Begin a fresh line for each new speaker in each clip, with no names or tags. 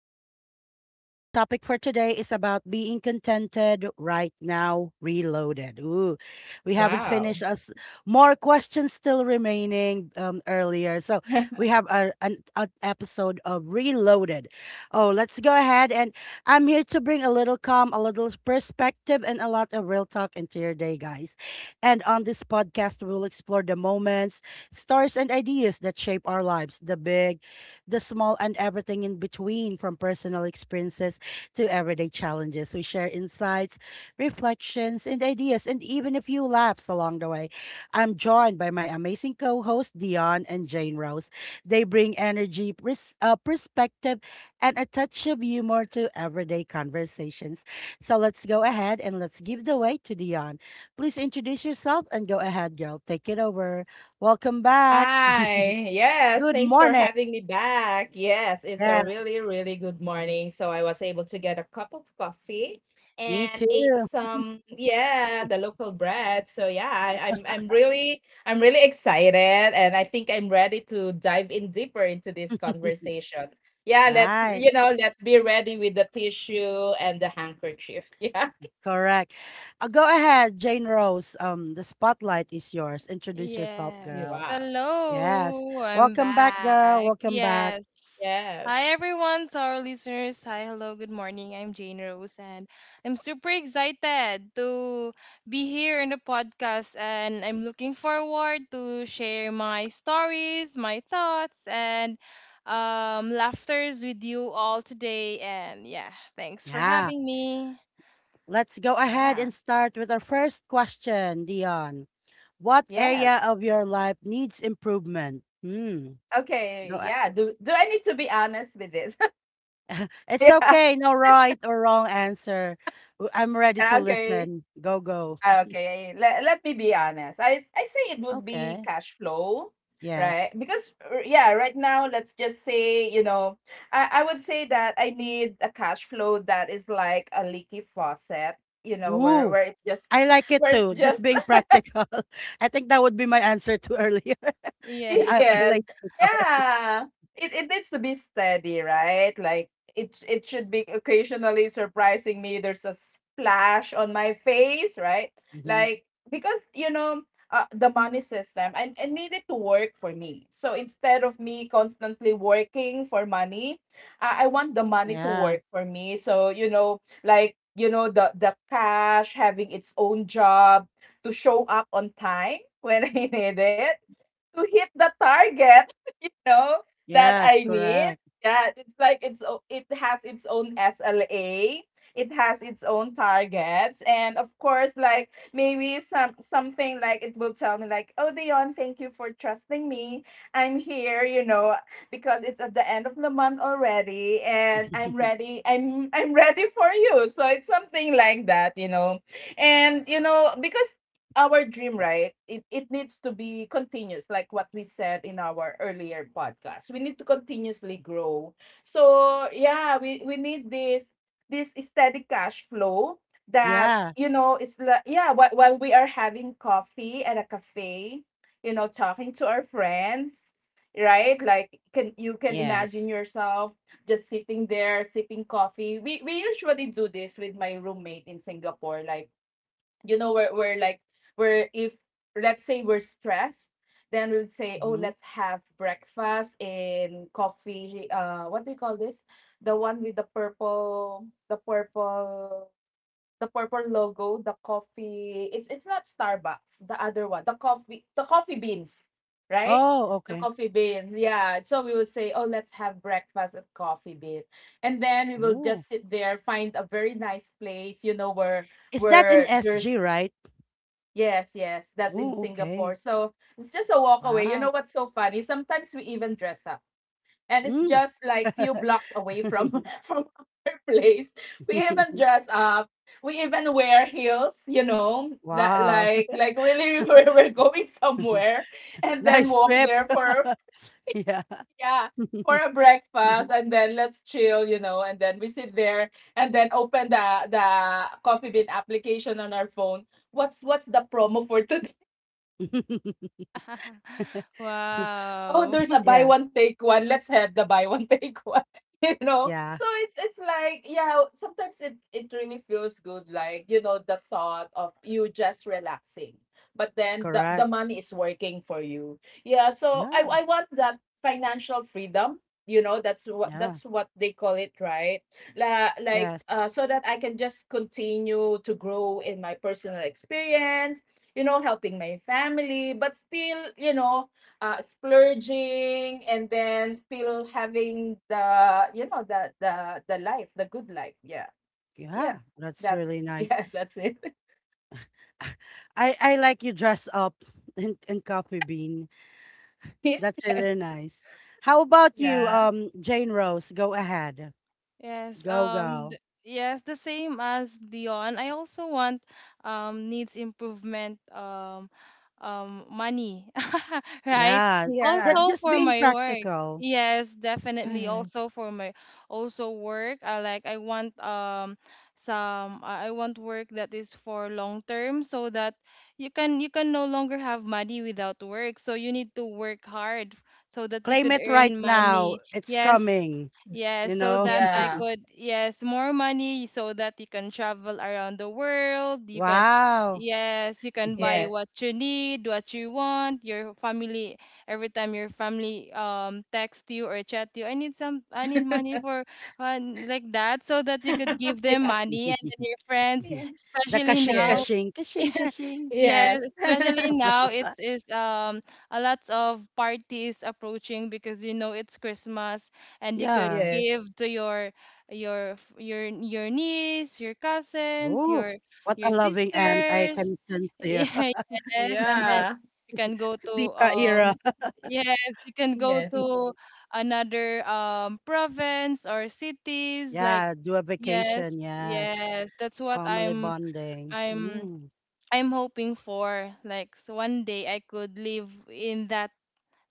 with Lisa. Our topic for today is about being contented right now, reloaded. Ooh, we haven't
Wow.
finished us. More questions still remaining earlier. So we have a, an a episode of Reloaded. Oh, let's go ahead. And I'm here to bring a little calm, a little perspective, and a lot of real talk into your day, guys. And on this podcast, we'll explore the moments, stories and ideas that shape our lives, the big, the small, and everything in between, from personal experiences to everyday challenges. We share insights, reflections, and ideas, and even a few laughs along the way. I'm joined by my amazing co hosts, Dion and Jane Rose. They bring energy, perspective, and a touch of humor to everyday conversations. So let's go ahead and let's give the way to Dion. Please introduce yourself and go ahead, girl. Take it over. Welcome back.
Hi. Yes,
Good
thanks for
morning.
having me back. Yes, it's a
Yeah,
really, really good morning. So I was able to get a cup of coffee
me
and ate
too.
some, yeah, the local bread. So yeah, I'm really excited and I think I'm ready to dive in deeper into this conversation. Yeah,
Right.
let's be ready with the tissue and the handkerchief. Yeah.
Correct. Go ahead, Jane Rose. The spotlight is yours. Introduce yourself,
Yes.
girl.
Wow.
Yes.
Hello, I'm
Welcome back, girl.
back.
Welcome back.
Yes.
Yes.
Hi, everyone, to our listeners. Hi, hello, good morning. I'm Jane Rose, and I'm super excited to be here in the podcast. And I'm looking forward to share my stories, my thoughts, and laughters with you all today. And yeah, thanks for
Yeah.
having me.
Let's go ahead
Yeah.
and start with our first question, Dion. What area
Yes.
of your life needs improvement? Hmm. Go.
Okay,
a-
yeah. Do I need to be honest with this?
It's
Yeah.
okay. No right or wrong answer. I'm ready to
Okay.
listen. Go.
Okay. Let me be honest. I say it would be
Okay.
cash flow, right?
Yes.
Because right now let's just say, I would say that I need a cash flow that is like a leaky faucet, you know, where
Ooh,
it just
I like it
where it's
too. Just
just.
being practical. I think that would be my answer to earlier. Yeah,
Yes.
I
Yes.
like it. Sorry.
Yeah. It needs to be steady, right? Like it should be occasionally surprising me. There's a splash on my face, right?
Hmm.
Like because you know, the money system I need it to work for me. So instead of me constantly working for money, I want the money to
Yeah.
work for me. So you know, the cash having its own job to show up on time when I need it to hit the target, you know, that
Yes,
I need.
correct.
Yeah, it's like it has its own SLA. It has its own targets, and of course, like maybe something like it will tell me like, "Oh, Dion, thank you for trusting me. I'm here, you know, because it's at the end of the month already, and I'm ready. I'm ready for you." So it's something like that, you know, and you know because our dream, right? It needs to be continuous, like what we said in our earlier podcast. We need to continuously grow. So yeah, we need this steady cash flow that
Yeah.
you know it's like yeah while we are having coffee at a cafe, you know, talking to our friends, right? Like, can imagine
Yes.
yourself just sitting there sipping coffee. We usually do this with my roommate in Singapore. Like, you know, we're like we're if let's say we're stressed, then we'll say, oh,
Hmm.
let's have breakfast in coffee. What do you call this, the one with the purple, the purple logo, the coffee? It's not Starbucks, the other one, the coffee, the coffee beans, right?
Oh,
The
okay.
coffee beans. Yeah, so we will say, oh, let's have breakfast at Coffee Bean. And then we will
Ooh.
just sit there, find a very nice place, you know, where
Is that in SG,
there's.
right?
Yes, yes, that's in
Ooh,
Singapore.
okay.
So it's just a walk away. You know
Wow.
what's so funny? Sometimes we even dress up, and it's
Mm.
just like few blocks away from from our place. We even dress up. We even wear heels. You know, that
Wow.
like really we're, going somewhere, and then
Nice
walk
trip.
there for
Yeah.
yeah for a breakfast, and then let's chill. You know, and then we sit there, and then open the Coffee Bean application on our phone. What's the promo for today? Oh,
wow.
there's a buy
Yeah.
one take one. Let's have the buy one take one. You know,
Yeah.
so it's like yeah, sometimes it it really feels good, like, you know, the thought of you just relaxing, but then the
Correct.
money is working for you. Yeah, so i
Yeah.
i want that financial freedom, you know. That's what
Yeah.
they call it, right? Like,
Yes.
so that I can just continue to grow in my personal experience, you know, helping my family, but still, you know, splurging, and then still having the, you know, the life, the good life. Yeah. Yeah.
Yeah, that's really
That's
nice.
yeah, that's it.
I like you dress up in coffee bean. That's really
Yes.
nice. How about you,
Yeah.
Jane Rose? Go ahead.
Yes,
Go girl.
yes, the same as Dion. I also want needs improvement money, right?
Yeah.
Yeah.
That
Also
just
for
being
my work.
practical.
Yes, definitely.
mm,
Also for my also work. I like I want some I want work that is for long term so that you can no longer have money without work. So you need to work hard so that you
Claim
could
it right
earn
now.
money.
It's
Yes,
coming,
Yes,
you
so
know?
that I
yeah.
could, yes, more money so that you can travel around the world. You can,
Wow.
yes, you can buy
Yes.
what you need, what you want. Your family, every time your family text you or chat you, I need some, I need money for like that, so that you could give them
Yeah.
money and then your friends,
Yeah.
The
especially
kashing
now.
Yes.
kashing kashing kashing.
Yes,
Yes.
especially now
Uh,
it's is a lot of parties approaching because you know it's Christmas and you could
yeah.
Yes.
give to your niece, your cousins,
Oh, what
your
a loving aunt I
sisters.
can sense here.
Yeah, yes, and then
Yeah.
you can go to
Tita era.
um yes, you can go
Yes.
to another province or cities like
Yeah, do a
yes,
vacation. Yes.
yes, that's what
Family bonding.
I'm
Mm.
I'm hoping for like so one day I could live in that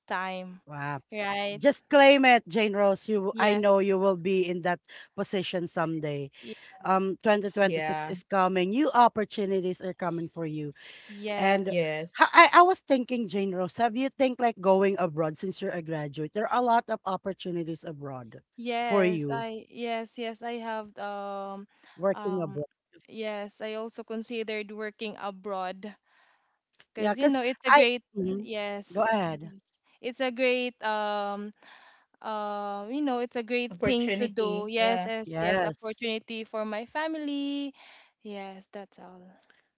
time,
Wow.
right?
Just claim it, Jane Rose. You, I know
Yes.
you will be in that position someday.
y-
2026
Yeah.
is coming. New opportunities are coming for you. And
Yes.
Yes.
I was thinking, Jane Rose, have you think like going abroad since you're a graduate? There are a lot of opportunities abroad for
Yes,
you
I yes, yes, I have
working
um
abroad.
yes, I also considered working abroad
Yeah,
because you
cuz
know it's a
I.
great
Mhm. Go
yes,
ahead.
yes. It's a great you know, it's a great thing to
Opportunity,
do.
yeah.
Yes, yes, yes,
Yes.
opportunity for my family. Yes, that's all.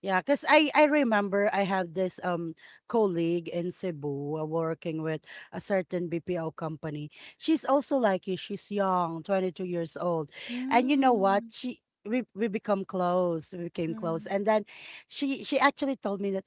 Yeah, because I remember I have this colleague in Cebu, working with a certain BPO company. She's also like you. She's young, 22 years old. And you know what?
Mm.
She we become close. We became close.
Mm,
And then she actually told me that,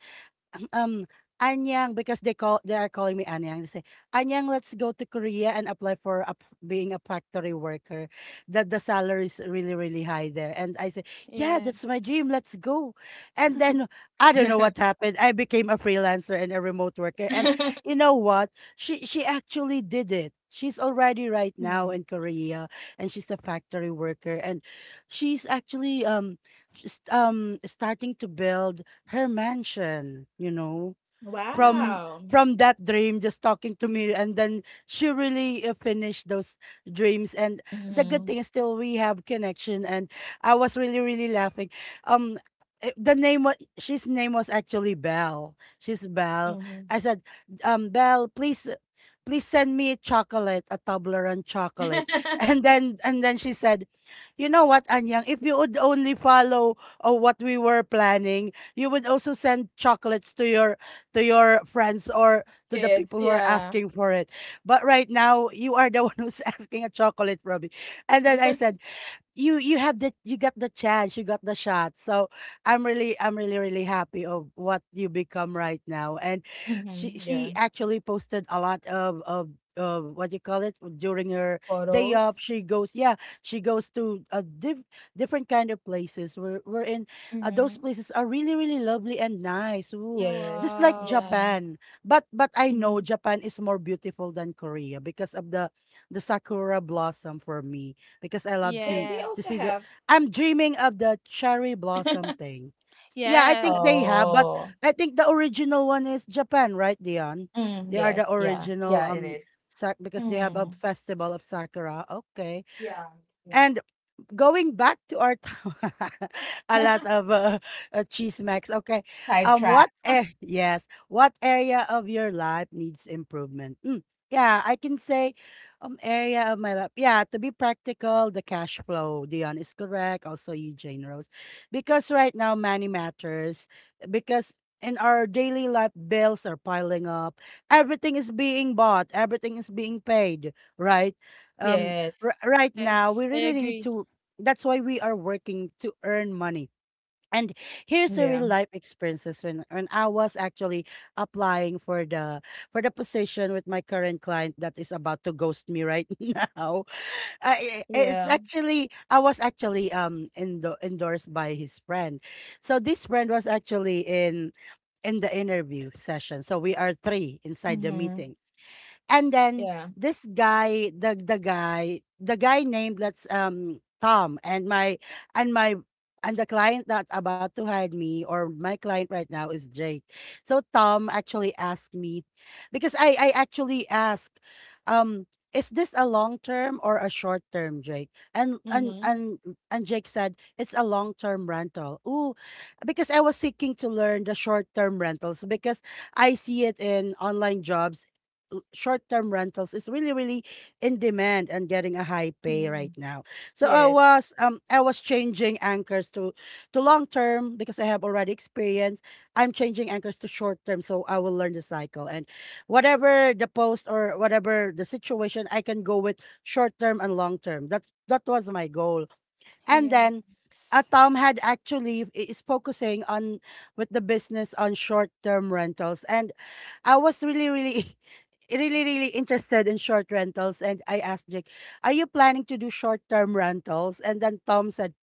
Um, Anyang, because they are calling me Anyang. They say, "Anyang, let's go to Korea and apply for being a factory worker. That the salary is really really high there." And I say, "Yeah,
yeah.
that's my dream. Let's go." And then I don't know what happened. I became a freelancer and a remote worker. And you know what? She actually did it. She's already right now
Mm.
in Korea and she's a factory worker and she's actually just starting to build her mansion, you know,
Yeah.
from
Wow.
from that dream just talking to me, and then she really finished those dreams. And the good
Hmm.
thing is still we have connection, and I was really really laughing. Um eh, the name was She's name was actually Belle. She's Belle. I said, Belle, please please send me a chocolate, a Toblerone chocolate. And then she said, you know what, Anyang, if you would only follow what we were planning, you would also send chocolates to your friends or to the
Kids,
people who are
yeah.
asking for it. But right now, you are the one who's asking a chocolate, Robbie. And then I said, you have the, you got the chance, you got the shot. So I'm really really happy of what you become right now. And
Mhm,
she
yeah.
actually posted a lot of what you call it. During her day
Photos.
off, she goes, yeah, she goes to a different kind of places. We're in, those
Mhm.
places are really really lovely and nice. Ooh,
No,
just
Yes,
like
Wow.
yeah.
Japan. But I know
Mhm.
Japan is more beautiful than Korea because of the sakura blossom. For me, because I love
They
Yes.
to
also
see the,
have.
I'm dreaming of the cherry blossom thing. Yeah, I
Yeah.
think they have, but
Oh.
I think the original one is Japan, right, Dion?
Mm,
They are the
yes, yeah.
original
Yeah, it is.
sak because they have a
Mm.
festival of sakura. Okay.
Yeah, yeah.
And going back to our a lot of cheese max. Okay, what
Sidetrack.
eh? Yes, what area of your life needs improvement? Mm, yeah, I can say, area of my life. Yeah, to be practical, the cash flow. Dion is correct. Also, Eugene Rose, because right now money matters. Because in our daily life, bills are piling up. Everything is being bought. Everything is being paid. Right. Um,
Yes.
right
Yes.
now we
I
really need
agree.
to, that's why we are working to earn money. And here's a
Yeah.
real life experiences when I was actually applying for the position with my current client that is about to ghost me right now.
Yeah.
I was actually endorsed by his friend. So this friend was actually in the interview session. So we are three inside the
Mhm.
meeting. And then
Yeah.
this guy, the guy named, let's Tom, and my and my and the client that about to hire me or my client right now is Jake. So Tom actually asked me, because I actually asked, um is this a long term or a short term, Jake? And
Mhm.
Jake said it's a long term rental. Ooh, because I was seeking to learn the short term rentals, because I see it in online jobs short-term rentals is really really in demand and getting a high pay right
Mhm.
now. So
Yes.
I was changing anchors to long-term because I have already experience. I'm changing anchors to short-term so I will learn the cycle and whatever the post or whatever the situation I can go with short-term and long-term. That was my goal. And
Yes.
then, Tom had actually is focusing on with the business on short term rentals, and I was really really. Really, really interested in short rentals, and I asked Jake, "Are you planning to do short-term rentals?" And then Tom said,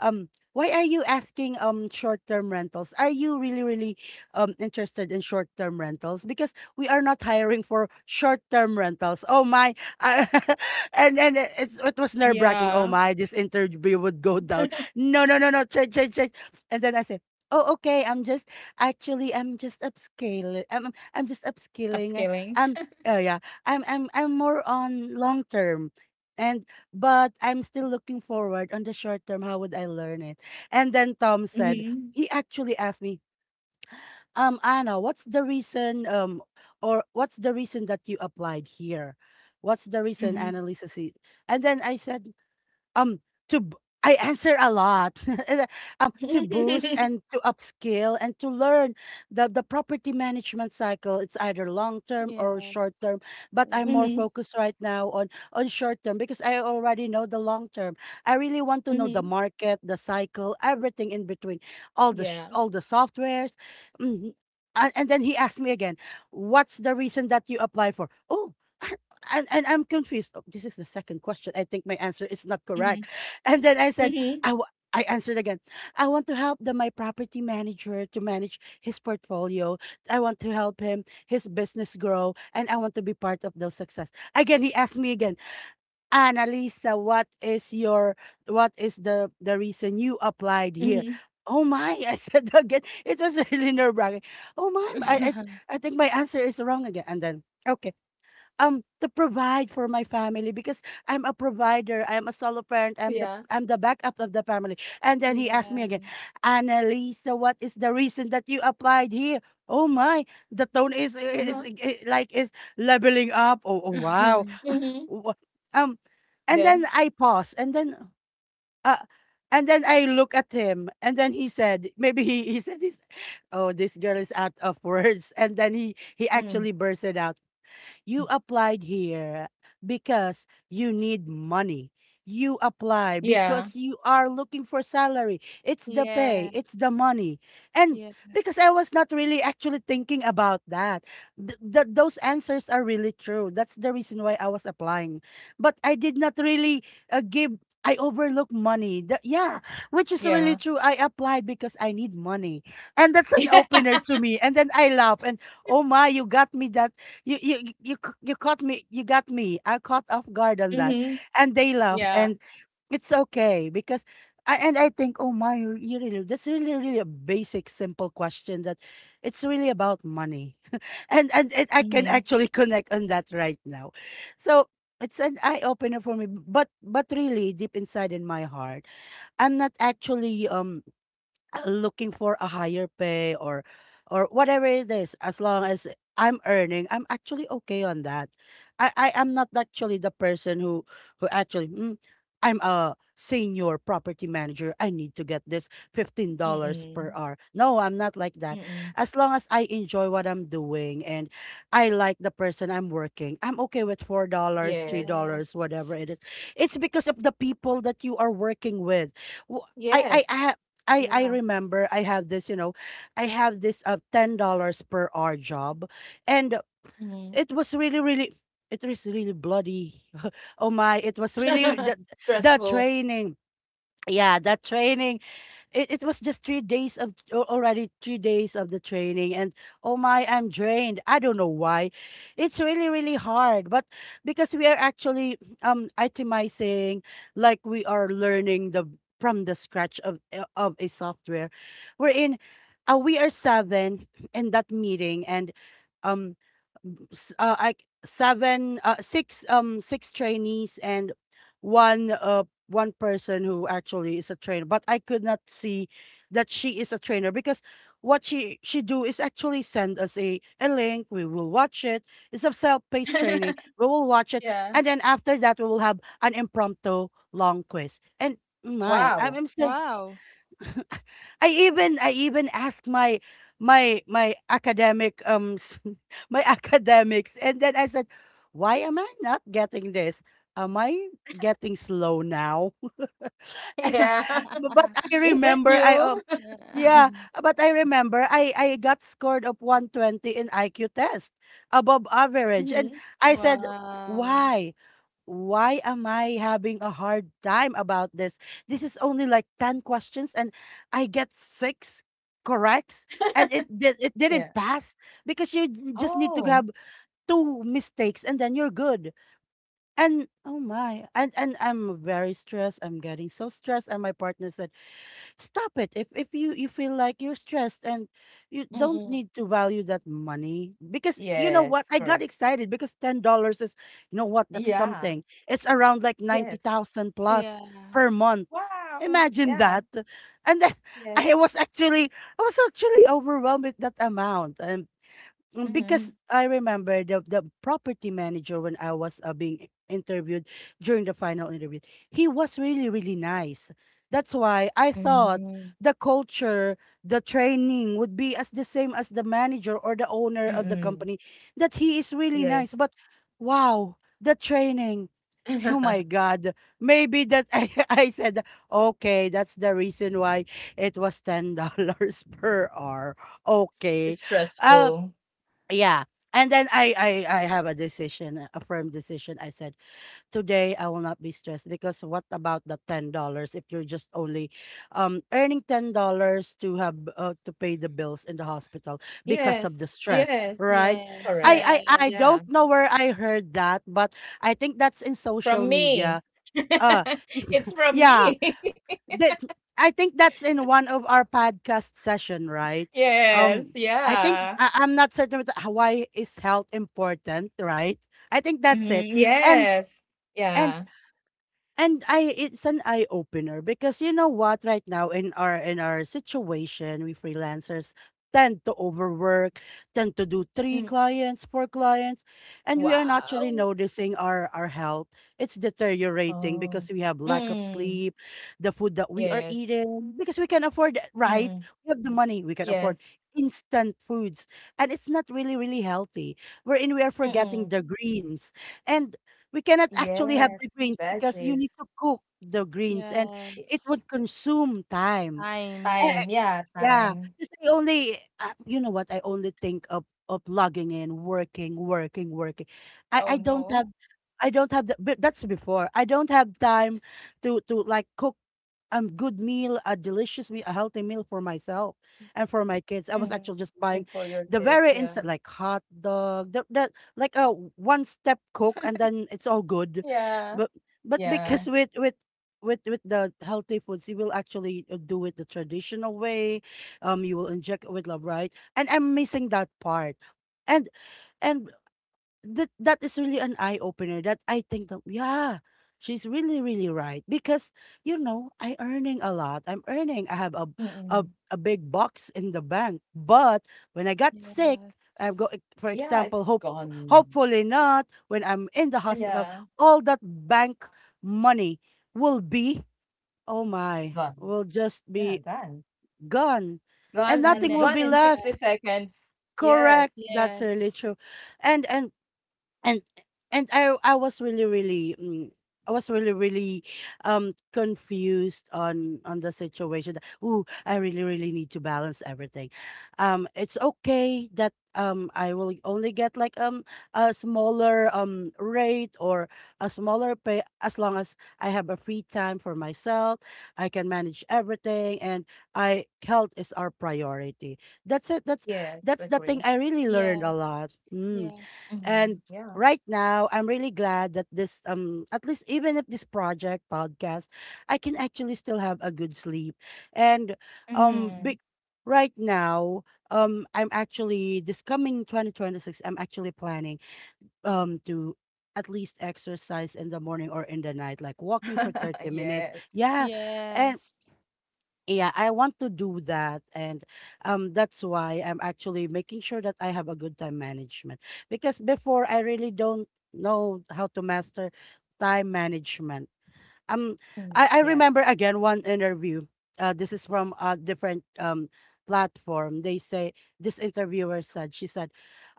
um why are you asking, short-term rentals, are you really really interested in short-term rentals, because we are not hiring for short-term rentals. Oh my. And it's, it was nerve
Yeah.
wracking. Oh my, this interview would go down. No, no, no, no, change, change, change. And then I said, oh, okay. I'm just upscaling. I'm just upskilling.
Upscaling.
I'm oh yeah. I'm more on long term. And but I'm still looking forward on the short term. How would I learn it? And then Tom said,
Mhm.
he actually asked me, Anna, what's the reason, or what's the reason that you applied here? What's the reason,
Mhm.
Annalisa? And then I said, um to b- I answer a lot. To boost and to upskill and to learn the property management cycle. It's either long term or
Yes.
short term, but I'm more
Yes.
Mhm.
focused right now on short term because I already know the long term. I really want to know the
Mhm.
market, the cycle, everything in between,
Yeah.
all the softwares. Mm, and then he asked me again, "What's the reason that you apply for?" Oh, I, and I'm confused. Oh, this is the second question. I think my answer is not correct.
Mhm.
And then I said,
Mhm.
I answered again. I want to help the my property manager to manage his portfolio. I want to help him his business grow, and I want to be part of those success. Again, he asked me again, Annalisa, what is your, what is the reason you applied here?
Mhm.
Oh my! I said again. It was really nerve wracking. Oh my! I think my answer is wrong again. And then okay, to provide for my family, because I'm a provider. I'm a solo parent.
Yeah,
I'm the backup of the family. And then he asked me
Yeah.
again, Annalisa, what is the reason that you applied here? Oh my, the tone is,
uh-huh,
is like is leveling up. Oh, oh wow.
mhm,
Wha- Um, and then
then,
I pause, uh, and then I look at him, and then he said, maybe he said this, "Oh, this girl is out of words," and then he actually
mm,
bursted out. "You
mm,
applied here because you need money. You apply
yeah,
because you are looking for salary. It's the pay,
Yeah.
it's the money." And
Yes.
because I was not really actually thinking about that. Those answers are really true. That's the reason why I was applying. But I did not really give I overlook money. Yeah, which is really
yeah,
true. I applied because I need money. And that's an
yeah,
opener to me. And then I laugh and, oh my, you got me, that you caught me. You got me. I caught off guard on that,
mhm,
and they laughed,
yeah,
and it's okay because. And I think, oh my, you really, that's really, really a basic, simple question that it's really about money. And it, I can
mhm,
actually connect on that right now. So it's an eye opener for me. But really, deep inside in my heart, I'm not actually looking for a higher pay or whatever it is. As long as I'm earning, I'm actually okay on that. I am not actually the person who actually "I'm a senior property manager, I need to get this $15 per
mm,
hour." No, I'm not like that.
mm,
As long as I enjoy what I'm doing and I like the person I'm working, I'm okay with $4,
yes,
$3, whatever
Yes.
it is. It's because of the people that you are working with. Wh- I, I,
yes,
I I
yeah,
remember I have this $10 per hour job, and
mhm,
it was really really it was really bloody. Oh my! It was really the
stressful,
training. Yeah, that training, it was just 3 days of already 3 days of the training, and oh my, I'm drained. I don't know why. It's really really hard, but because we are actually itemizing, like we are learning the from the scratch of of a software. we're in we are seven in that meeting, and um s- uh, I, seven, six trainees, and one uh, one person who actually is a trainer, but I could not see that she is a trainer because what she do is actually send us a link. We will watch it. It's a self-paced training. We will watch it,
yeah,
and then after that, we will have an impromptu long quiz. And my,
wow,
I'm saying,
Wow.
I even asked my my academic um s- my academics, and then I said, why am I not getting this? Am I getting slow now?
yeah,
but I
is it
remember I
you?
Yeah.
yeah, but I remember I got scored of 120 in IQ test, above average. And
Mhm,
I said,
Wow.
"Why? Why am I having a hard time about this? This is only like 10 questions and I get 6 corrects, and it didn't
yeah,
pass because just need to
oh,
have two mistakes and then you're good." And oh my, and I'm very stressed. I'm getting so stressed and my partner said, stop it. If you feel like you're stressed, and you don't
mm,
need to value that money, because you know what,
yes,
I got
correct,
excited because $10 is, you know what, that's
yeah,
something, it's around like
yes,
90,000 plus per
Yes.
month.
wow,
Imagine
yeah,
that. And then i
yes,
was actually I was actually overwhelmed with that amount. And because
mhm,
I remember the property manager, when I was being interviewed during the final interview, he was really really nice. That's why I thought
mm,
the culture, the training would be as the same as the manager or the owner of the
mm.
company. That he is really
Yes.
nice, but wow, the training. Oh
S
my God. Maybe that, I said, okay, that's the reason why it was $10 per hour. Okay. I'll
stressful.
Yeah. And then I have a decision, a firm decision. I said, today I will not be stressed, because what about the $10 if you're just only earning $10 to have to pay the bills in the hospital because of
Yes,
the stress,
yes,
right?
Yes.
correct.
I, I
Yes.
I
Yeah,
don't know where I heard that, but I think that's in
from
social media.
me.
Uh
It's from
yeah,
me.
that I think that's in one of our podcast session, right?
Yes,
Um, I think
yeah.
I'm not certain with why is health important, right? I think that's it.
Mhm,
And
yes.
and
Yeah.
and I it's an eye opener, because you know what, right now in our situation, we freelancers tend to overwork, tend to do three
Mm.
clients, four clients, and we are naturally
Wow.
noticing our health. It's deteriorating
Oh.
because we have lack of
Mm.
sleep, the food that we are
Yes.
eating, because we can afford, right?
Mm.
We have the money, we can afford
Yes.
instant foods, and it's not really really healthy, wherein we are forgetting
Mm.
the greens, and we cannot actually have the
Yes,
greens because you need
veggies.
to cook the greens and
Y-
it would
Yes.
consume time.
Time.
Eh, eh,
Time,
Yes.
yeah,
yeah,
time.
'cause I only, you know what? I only think of logging in, working, working, working. I
Oh
I don't
no.
have. I don't have the, but that's before. I don't have time to like cook a good meal, a delicious meal, a healthy meal for myself and for my kids. I was
Mm.
actually just
And
buying
for your
the
kids,
very
yeah.
instant, like hot dog, like
Oh.
a one step cook, and then it's all good.
Yeah.
But but
Yeah,
because with the healthy foods, you will actually do it the traditional way. You will inject it with love, right? And I'm missing that part. And and that is really an eye opener. That I think that, yeah, she's really really right, because you know I earning a lot. I'm earning. I have a
mm.
a big box in the bank, but when I got sick,
Yes.
for
Yeah, it's
example,
gone.
hopefully not when I'm in the hospital.
Yeah.
All that bank money will be, oh my,
Gone.
will just
Yeah,
be
gone.
gone, and
Gone
nothing
in-
will
Vanish.
gone
be
in 60
left.
seconds.
Correct.
Yes.
That's really
Yes.
true, and and and and I was really really I was really really confused on the situation. That, ooh, I really really need to balance everything. It's okay that I will only get like a smaller rate or a smaller pay, as long as I have a free time for myself. I can manage everything, and I health is our priority. That's it.
Yes,
That's the thing
agree.
I really learned a
Yes.
lot. Hmm.
Yes.
Mhm.
And
Yeah.
right now, I'm really glad that this, at least, even if this project podcast, I can actually still have a good sleep. And um
Mhm.
be- right now, I'm actually, this coming 2026, I'm actually planning to at least exercise in the morning or in the night, like walking for 30 minutes,
Yes.
yeah. And
Yes.
yeah, I want to do that. And that's why I'm actually making sure that I have a good time management. Because before, I really don't know how to master time management. um
Mm.
I
Yeah.
remember again one interview. This is from a different platform. They say, this interviewer said she said,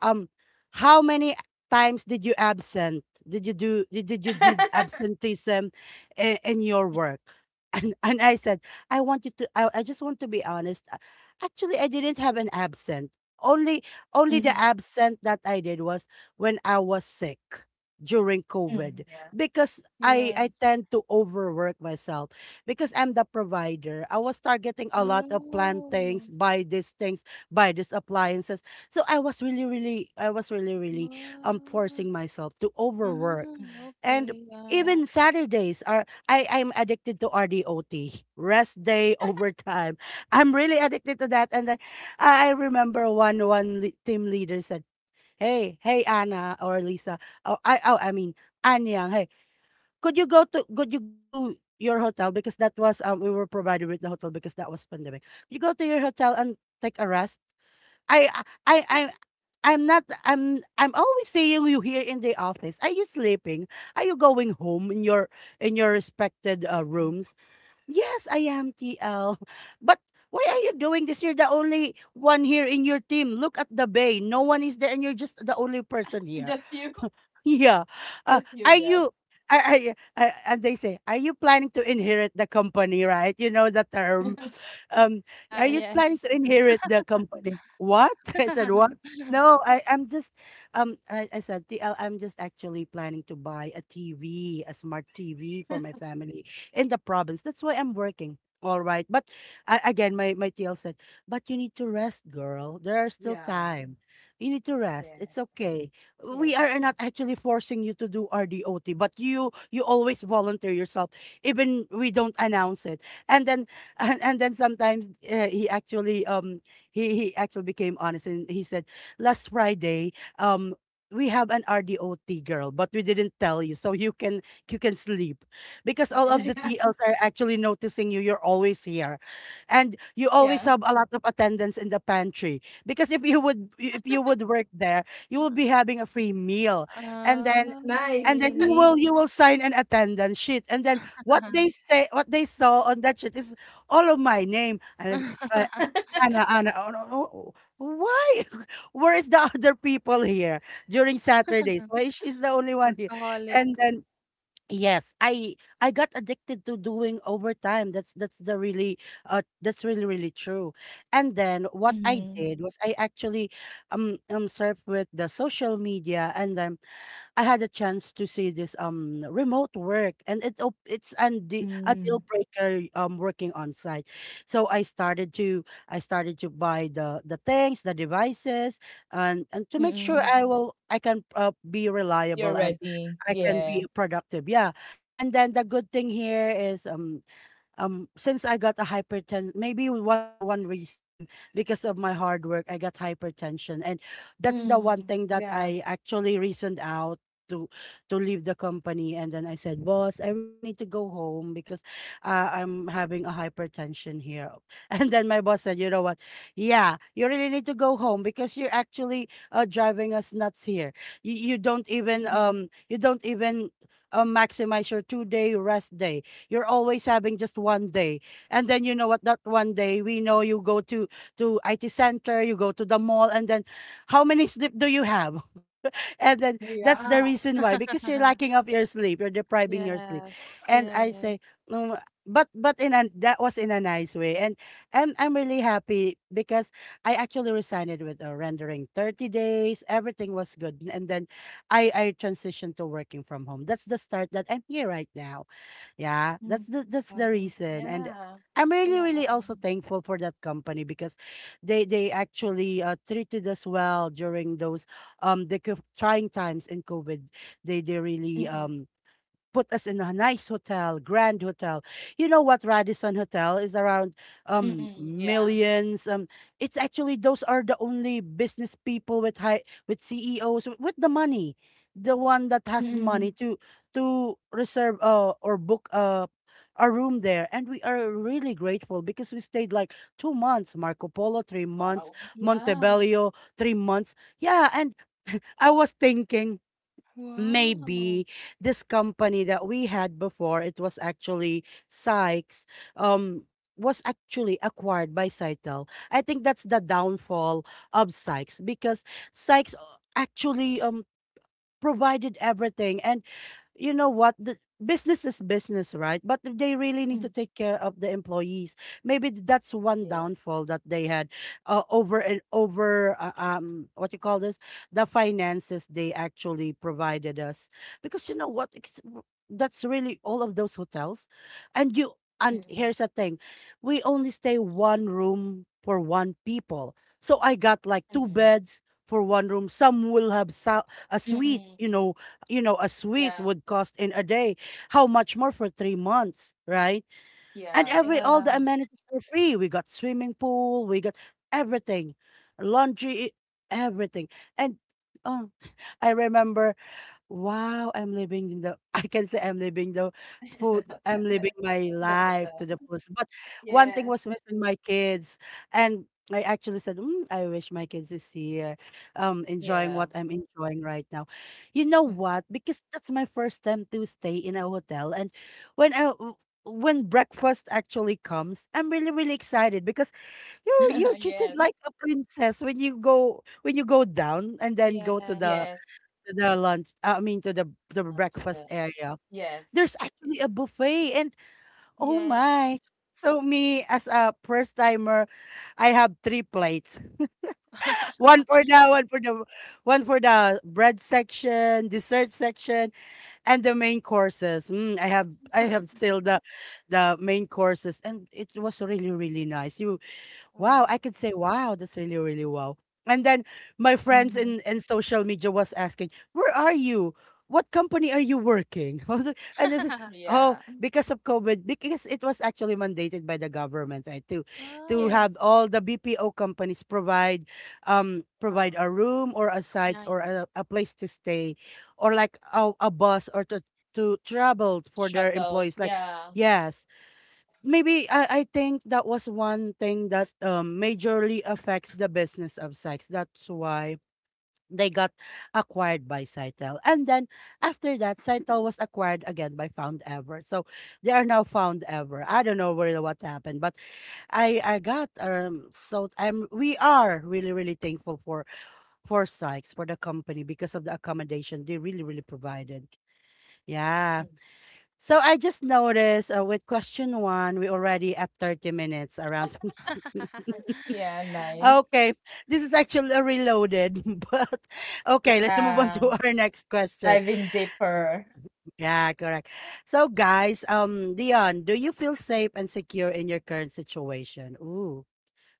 um, how many times did you absent? Did you did absenteeism in your work? And I said, I just want to be honest. Actually, I didn't have an absent. Only Only the
Mhm,
absent that I did was when I was sick during COVID,
mm. Yeah.
because I
Yes.
tend to overwork myself because I'm the provider. I was targeting a lot of plantings,
Oh.
buy these things, buy these appliances. So I was really, really
Oh.
forcing myself to
Ah,
overwork,
Mm.
and
okay.
Yeah.
Yeah.
even Saturdays are I I'm addicted to RDOT rest day overtime. I'm really addicted to that, and then I remember one team leader said. Hey, hey, Anna or Lisa. Oh, I mean, Anyang, hey, could you go to, your hotel, because that was, we were provided with the hotel because that was pandemic. Could you go to your hotel and take a rest. I I I'm not I'm I'm always seeing you here in the office. Are you sleeping? Are you going home in your
Mm,
respected
baby.
rooms? Yes, I am TL. But why are you doing this? You're the only one here in your team. Look at the bay. No one is there and you're just the only person here.
Just you.
Yeah.
Just you
Are
left.
you? And they say, are you planning to inherit the company, right? You know the term um, are
Ah,
Yeah.
you planning to
yes.
inherit the company? What? I said, what? No, I'm just, I said, TL, I'm just actually planning to buy a TV, a smart TV for my family in the province. That's why I'm working. All right. But I, again, my TL said, but you need to rest, girl. There are still
Yeah.
time. You need to rest.
Yes.
It's okay.
Yeah.
We are not
Yes.
actually forcing you to do RDOT, but you always volunteer yourself, even we don't announce it. And then and then sometimes he actually he actually became honest and he said last Friday um we have an RDOT girl but we didn't tell you so you can sleep because all of the
Yeah.
T Ls are actually noticing you, you're always here, and you always
Yeah.
have a lot of attendance in the pantry, because if you would work there you will be having a free meal. And then
Oh,
Nice.
and then
really?
you will sign an attendance sheet, and then what they say, what they saw on that sheet is all of my name. And it's, uh, Anna, Anna, oh, no, no, why? Where is the other people here during Saturdays? Why is she's the only one here?
Workaholic.
And then yes, I got addicted to doing overtime. That's the really that's really really true. And then what I
Mhm.
did was I actually surfed with the social media, and then I had a chance to see this remote work and it's and the a
Mm.
deal breaker working on site. So I started to buy the things, the devices, and to make sure
Mm.
I can be
You're
reliable and
ready,
I can
yeah.
be productive. Yeah. And then the good thing here is since I got a hypertension, maybe one reason because of my hard work, I got hypertension, and that's the one
Mm,
thing that
yeah,
I actually reasoned out to to leave the company. And then I said, "Boss, I really need to go home because I'm having a hypertension here." And then my boss said, "You know what? Yeah, you really need to go home because you're actually driving us nuts here. You don't even
mhm,
you don't even." Maximize your two-day rest day, you're always having just one day. And then you know what, that one day we know you go to IT center, you go to the mall, and then how many sleep do you have? And then that's the
yeah,
reason, why, because you're lacking of your sleep, you're depriving your sleep.
Yes.
And I say,
Yes.
"Mm, but in a, that was in a nice way, and I'm really happy because I actually resigned with a rendering 30 days, everything was good, and then I transitioned to working from home. That's the start, that I'm here right now. Yeah,
mm,
that's the
Wow.
reason. And
yeah,
I'm really, really
Wow.
also thankful for that company because they actually treated us well during those trying times in COVID. They really
mm-mm,
put us in a nice hotel, grand hotel. You know what Radisson Hotel is around
mm-mm, yeah,
millions. Um, it's actually, those are the only business people with high, with CEOs, with the money. The one that has
mm-mm,
money to reserve or book a room there. And we are really grateful because we stayed like two months Marco Polo, three months
wow, yeah,
Montebello, three months. Yeah, and I was thinking maybe
Wow.
this company that we had before, it was actually Sykes, um, was actually acquired by Cytel. I think that's the downfall of Sykes because Sykes actually provided everything, and you know what, the business is business, right, but they really need
mm,
to take care of the employees. Maybe that's one
yes,
downfall that they had, over and over what you call this, the finances they actually provided us, because you know what that's really all of those hotels. And you, and
mm-mm,
here's the thing, we only stay one room for one people, so I got like two
mm-mm,
beds for one room. Some will have a suite,
mm-mm,
you know, you know a
yeah,
suite would cost in a day, how much more for three months, right? And
yeah,
every, all the
Yes.
amenities were free. We got swimming pool, we got everything, laundry, everything. And oh, I remember, wow, I'm living the I can say I'm living the
the
food. I'm living
hotel,
my
the
life to
hotel,
the fullest. But one thing
yes,
was missing, my kids, and I actually said, mm, "I wish my kids is here, enjoying
yeah,
what I'm enjoying right now." You know
mm.
what? Because that's my first time to stay in a hotel, and when I w- when breakfast actually comes, I'm really really excited because you're treated
Yes,
like a princess when you go, when you go down and then go
Yes.
yes,
to the lunch I mean to the
to
breakfast
the,
area.
yes,
There's actually a buffet, and oh
Yeah.
my. So me as a first timer, I have three plates. One for the one for the One for the bread section, dessert section, and the main courses. Mm, I have, I have still the main courses, and it was really really nice. You, wow, I
Wow.
could say, wow, that's really, really wow. And then my friends
mhm,
in social media was asking, where are you? What company are you working? I was like. And they said, oh,
yeah,
because of COVID, because it was actually mandated by the government, right?
Oh,
To
really?
have
yes,
all the BPO companies provide provide
Wow.
a room or a site
Nice.
or a place to stay, or like a bus, or to travel for their
shuttles,
employees. Like,
yeah,
yes, maybe I think that was one thing that majorly affects the business of Sykes. That's why they got acquired by Cytel. And then after that, Cytel was acquired again by Found Ever. So they are now Found Ever. I don't know really what happened, but I got so I'm, we are really really thankful for Sykes, for the company, because of the accommodation they really really provided. Yeah.
mm,
So I just noticed with question one, we already at 30 minutes around.
yeah, nice.
Okay, this is actually a reloaded, but okay, let's move on to
Yeah,
our next question.
diving deeper.
Yeah, correct. So guys, Dion, do you feel safe and secure in your current situation? Ooh,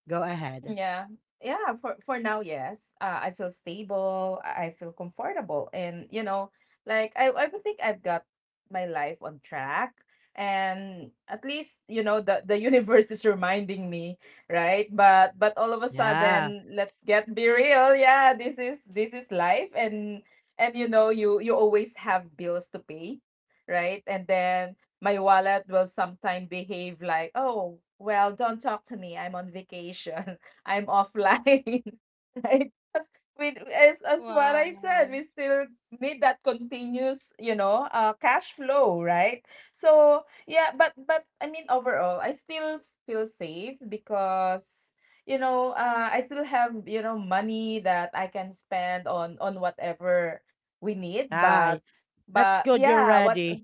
go ahead.
Yeah. Yeah, for now, yes. I feel stable, I feel comfortable and you know, like I would think I've got my life on track and at least, you know, the universe is reminding me, right? But all of a
Yeah,
sudden, let's get be real. Yeah, this is life and you know, you always have bills to pay, right? And then my wallet will sometimes behave like, oh, well, don't talk to me. I'm on vacation. I'm offline, right? 'Cause we, as what I said,
Wow.
we still need that continuous, you know, cash flow, right? So yeah, but I mean overall, I still feel safe because you know, I still have you know money that I can spend on whatever we need,
hi. That's
but
good. You're
yeah, what.
ready.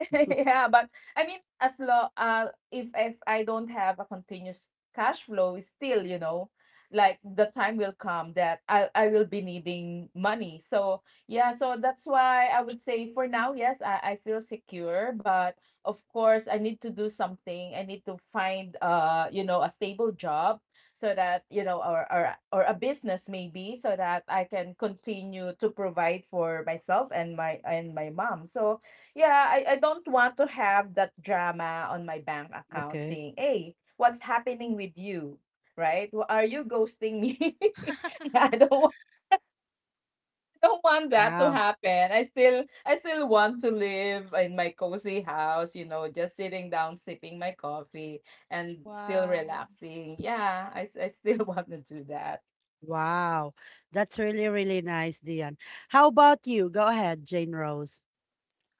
Yeah, but I mean, as long if I don't have a continuous cash flow, it's still, you know, like the time will come that I will be needing money. So yeah, so that's why I would say for now, yes, I feel secure, but of course I need to do something. I need to find you know a stable job so that you know, or or a business maybe so that I can continue to provide for myself and my mom. So yeah, I don't want to have that drama on my bank account
Okay.
saying, hey, what's happening with you? Right? Wh- Are you ghosting me? Yeah, I don't want that to
Wow.
happen. I still want to live in my cozy house, you know, just sitting down, sipping my coffee and still
Wow.
relaxing. Yeah, I still want to do that.
Wow. That's really, really nice, Dion. How about you? Go ahead, Jane Rose.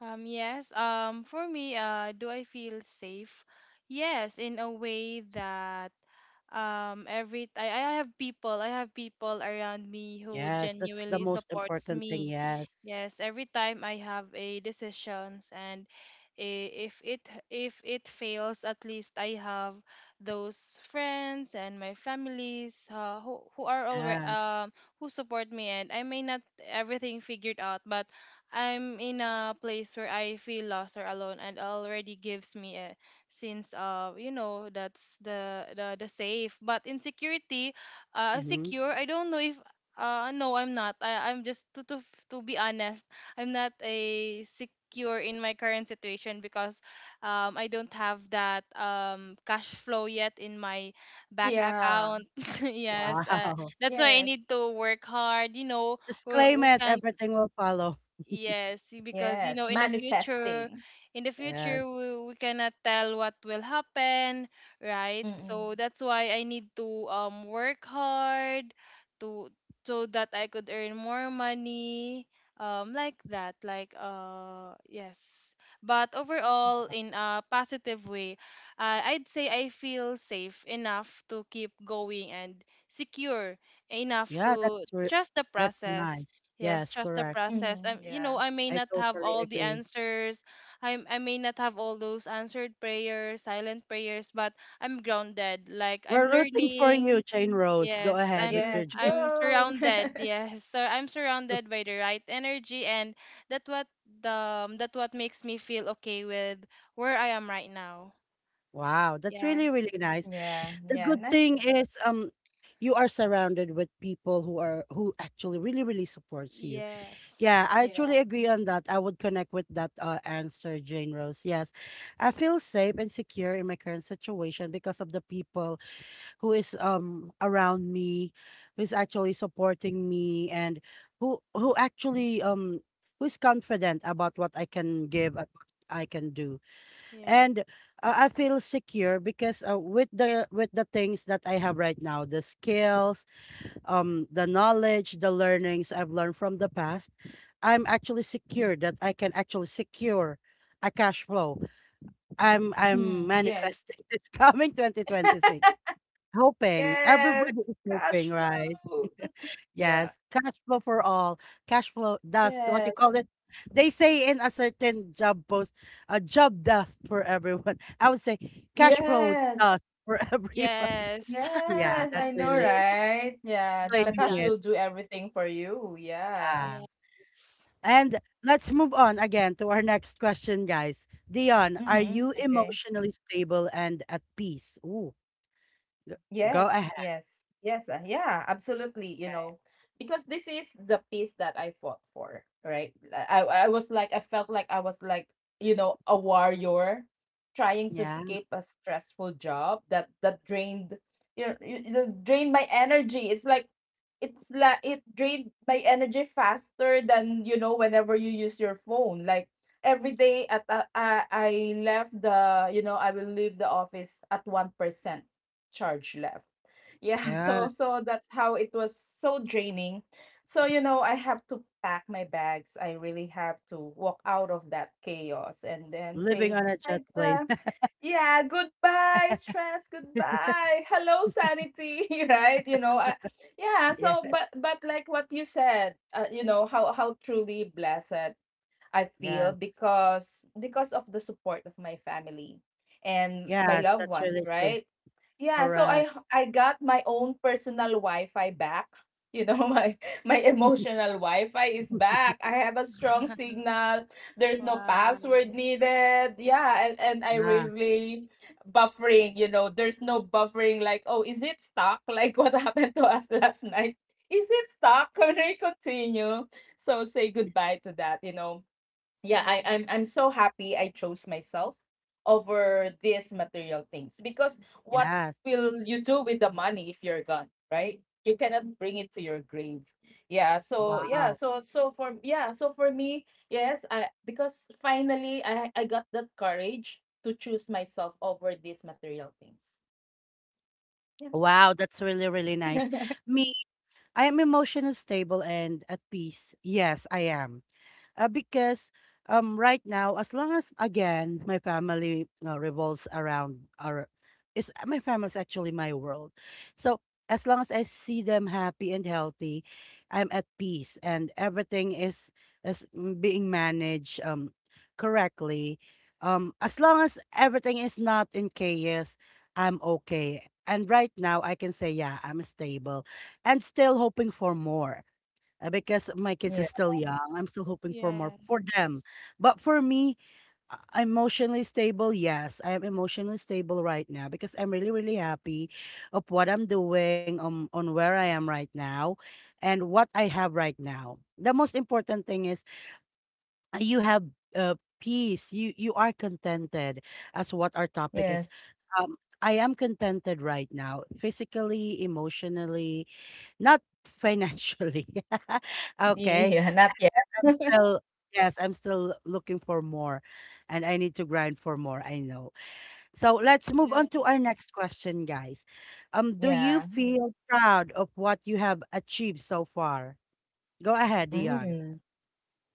Yes, for me, do I feel safe? Yes, in a way that every I have people I have people around me who
Yes, that's the
genuinely
most
supports
important thing.
me.
Yes.
Yes, every time I have a decisions and if it fails, at least I have those friends and my families who are already
Yes.
who support me and I may not everything figured out, but I'm in a place where I feel lost or alone and already gives me a sense of you know that's the safe but insecurity
Hmm.
secure I don't know if no I'm not I'm just to be honest I'm not a secure in my current situation because I don't have that cash flow yet in my back
Yeah.
account yes
Wow.
that's why I
Yes.
need to work hard you know
Just
we,
claim
we
it,
can
everything will follow.
Yes, because you
Yes.
know,
Manifesting.
in the
Yes.
future, we cannot tell what will happen, right?
Mm-mm.
So that's why I need to work hard to so that I could earn more money, like that, like yes. But overall, in a positive way, I'd say I feel safe enough to keep going and secure enough
Yeah,
to
that's true.
trust the
That's
process
nice.
Yes,
Yes,
trust the
correct.
process.
Mm-hmm.
You
Yeah.
know, I may
I
not have
totally
all the
agree.
answers. I may not have all those answered prayers, silent prayers, but I'm grounded. Like I'm
We're rooting for
learning.
you, Jane Rose. Go
Yes,
ahead with
Yes.
your dream.
I'm
Go.
surrounded. Yes, so I'm surrounded by the right energy, and that what the that what makes me feel okay with where I am right now.
Wow, that's really,
Yes,
really nice.
Yeah,
The
yeah,
good thing
nice.
is you are surrounded with people who are, who actually really really supports you. Yeah,
yes,
I truly
Yeah.
agree on that. I would connect with that answer, Jane Rose. Yes, I feel safe and secure in my current situation because of the people who is around me, who's actually supporting me, and who actually who's confident about what I can give and what I can do. And
yes,
I feel secure because with the things that I have right now, the skills, the knowledge, the learnings I've learned from the past, I'm actually secure that I can actually secure a cash flow. I'm
Mm, yes.
manifesting this coming 2026, hoping,
Yes.
everybody is hoping,
Cash
right?
flow. Yeah.
Yes, cash flow for all. Cash flow dust, what you
Yes.
call it? They say in a certain job post, a job dust for everyone. I would say cash flow
Yes.
dust for everyone.
yes.
Yeah,
Yes.
that's
I know,
really
right? Yeah. The
Job
claiming
cash will
it.
dust.
do everything for you. Yeah.
Yeah.
Yes.
And let's move on again to our next question, guys. Dion, are
Mm-hmm.
you
Okay.
emotionally stable and at peace? Ooh, g- go
Yes,
ahead.
yes, yes, yeah, absolutely. You
Okay.
know, because this is the piece that I fought for, right? I was like, I felt like I was like, you know, a warrior trying to
Yeah.
escape a stressful job that drained, you know, drained my energy. It's like it drained my energy faster than you know whenever you use your phone. Like every day at I left the you know I will leave the office at 1% charge left. Yeah,
Yeah.
so so that's how it was so draining. So you know, I have to pack my bags. I really have to walk out of that chaos and then
Living
say
on a jet
hi,
plane.
yeah, goodbye stress, goodbye. Hello sanity, right? You know, yeah,
Yeah.
so but like what you said, you know, how truly blessed I feel
Yes.
because of the support of my family and my
Yes.
loved
That's
ones,
really true.
right? Yeah, so
Correct.
I got my own personal Wi-Fi back. You know, my emotional Wi-Fi is back. I have a strong signal. There's no
Wow.
password needed. Yeah, and I
Yeah,
really buffering, you know, there's no buffering like, oh, is it stuck? Like what happened to us last night? Is it stuck? Can we continue? So say goodbye to that. yeah
Yes.
I, i'm i'm so happy I chose myself over these material things, because what
yes.
will you do with the money if you're gone, right? You cannot bring it to your grave. Yeah, so yeah
Wow.
so so for yeah so for me, yes, I, because finally I got that courage to choose myself over these material things. Yeah.
Wow, that's really, really nice. Me, I am emotional stable and at peace. Yes, I am. Because right now, as long as again my family revolves around our is my family's actually my world. So as long as I see them happy and healthy, I'm at peace, and everything is mm, being managed correctly. Um, as long as everything is not in chaos, I'm okay. And right now I can say yeah, I'm stable and still hoping for more, because my kids are
Yeah.
still young. I'm still hoping for more for them.
Yes.
But for me, emotionally stable, yes, I am emotionally stable right now because I'm really, really happy of what I'm doing, on where I am right now, and what I have right now. The most important thing is you have peace. You are contented as what our topic is.
Yes.
Um, I am contented right now, physically, emotionally, not financially. Okay.
Yeah, not
I'm
yet.
still yes, I'm still looking for more and I need to grind for more, I know. So let's move on to our
Yes.
next question, guys. Do you
Yeah.
feel proud of what you have achieved so far? Go ahead, Dion.
Mm.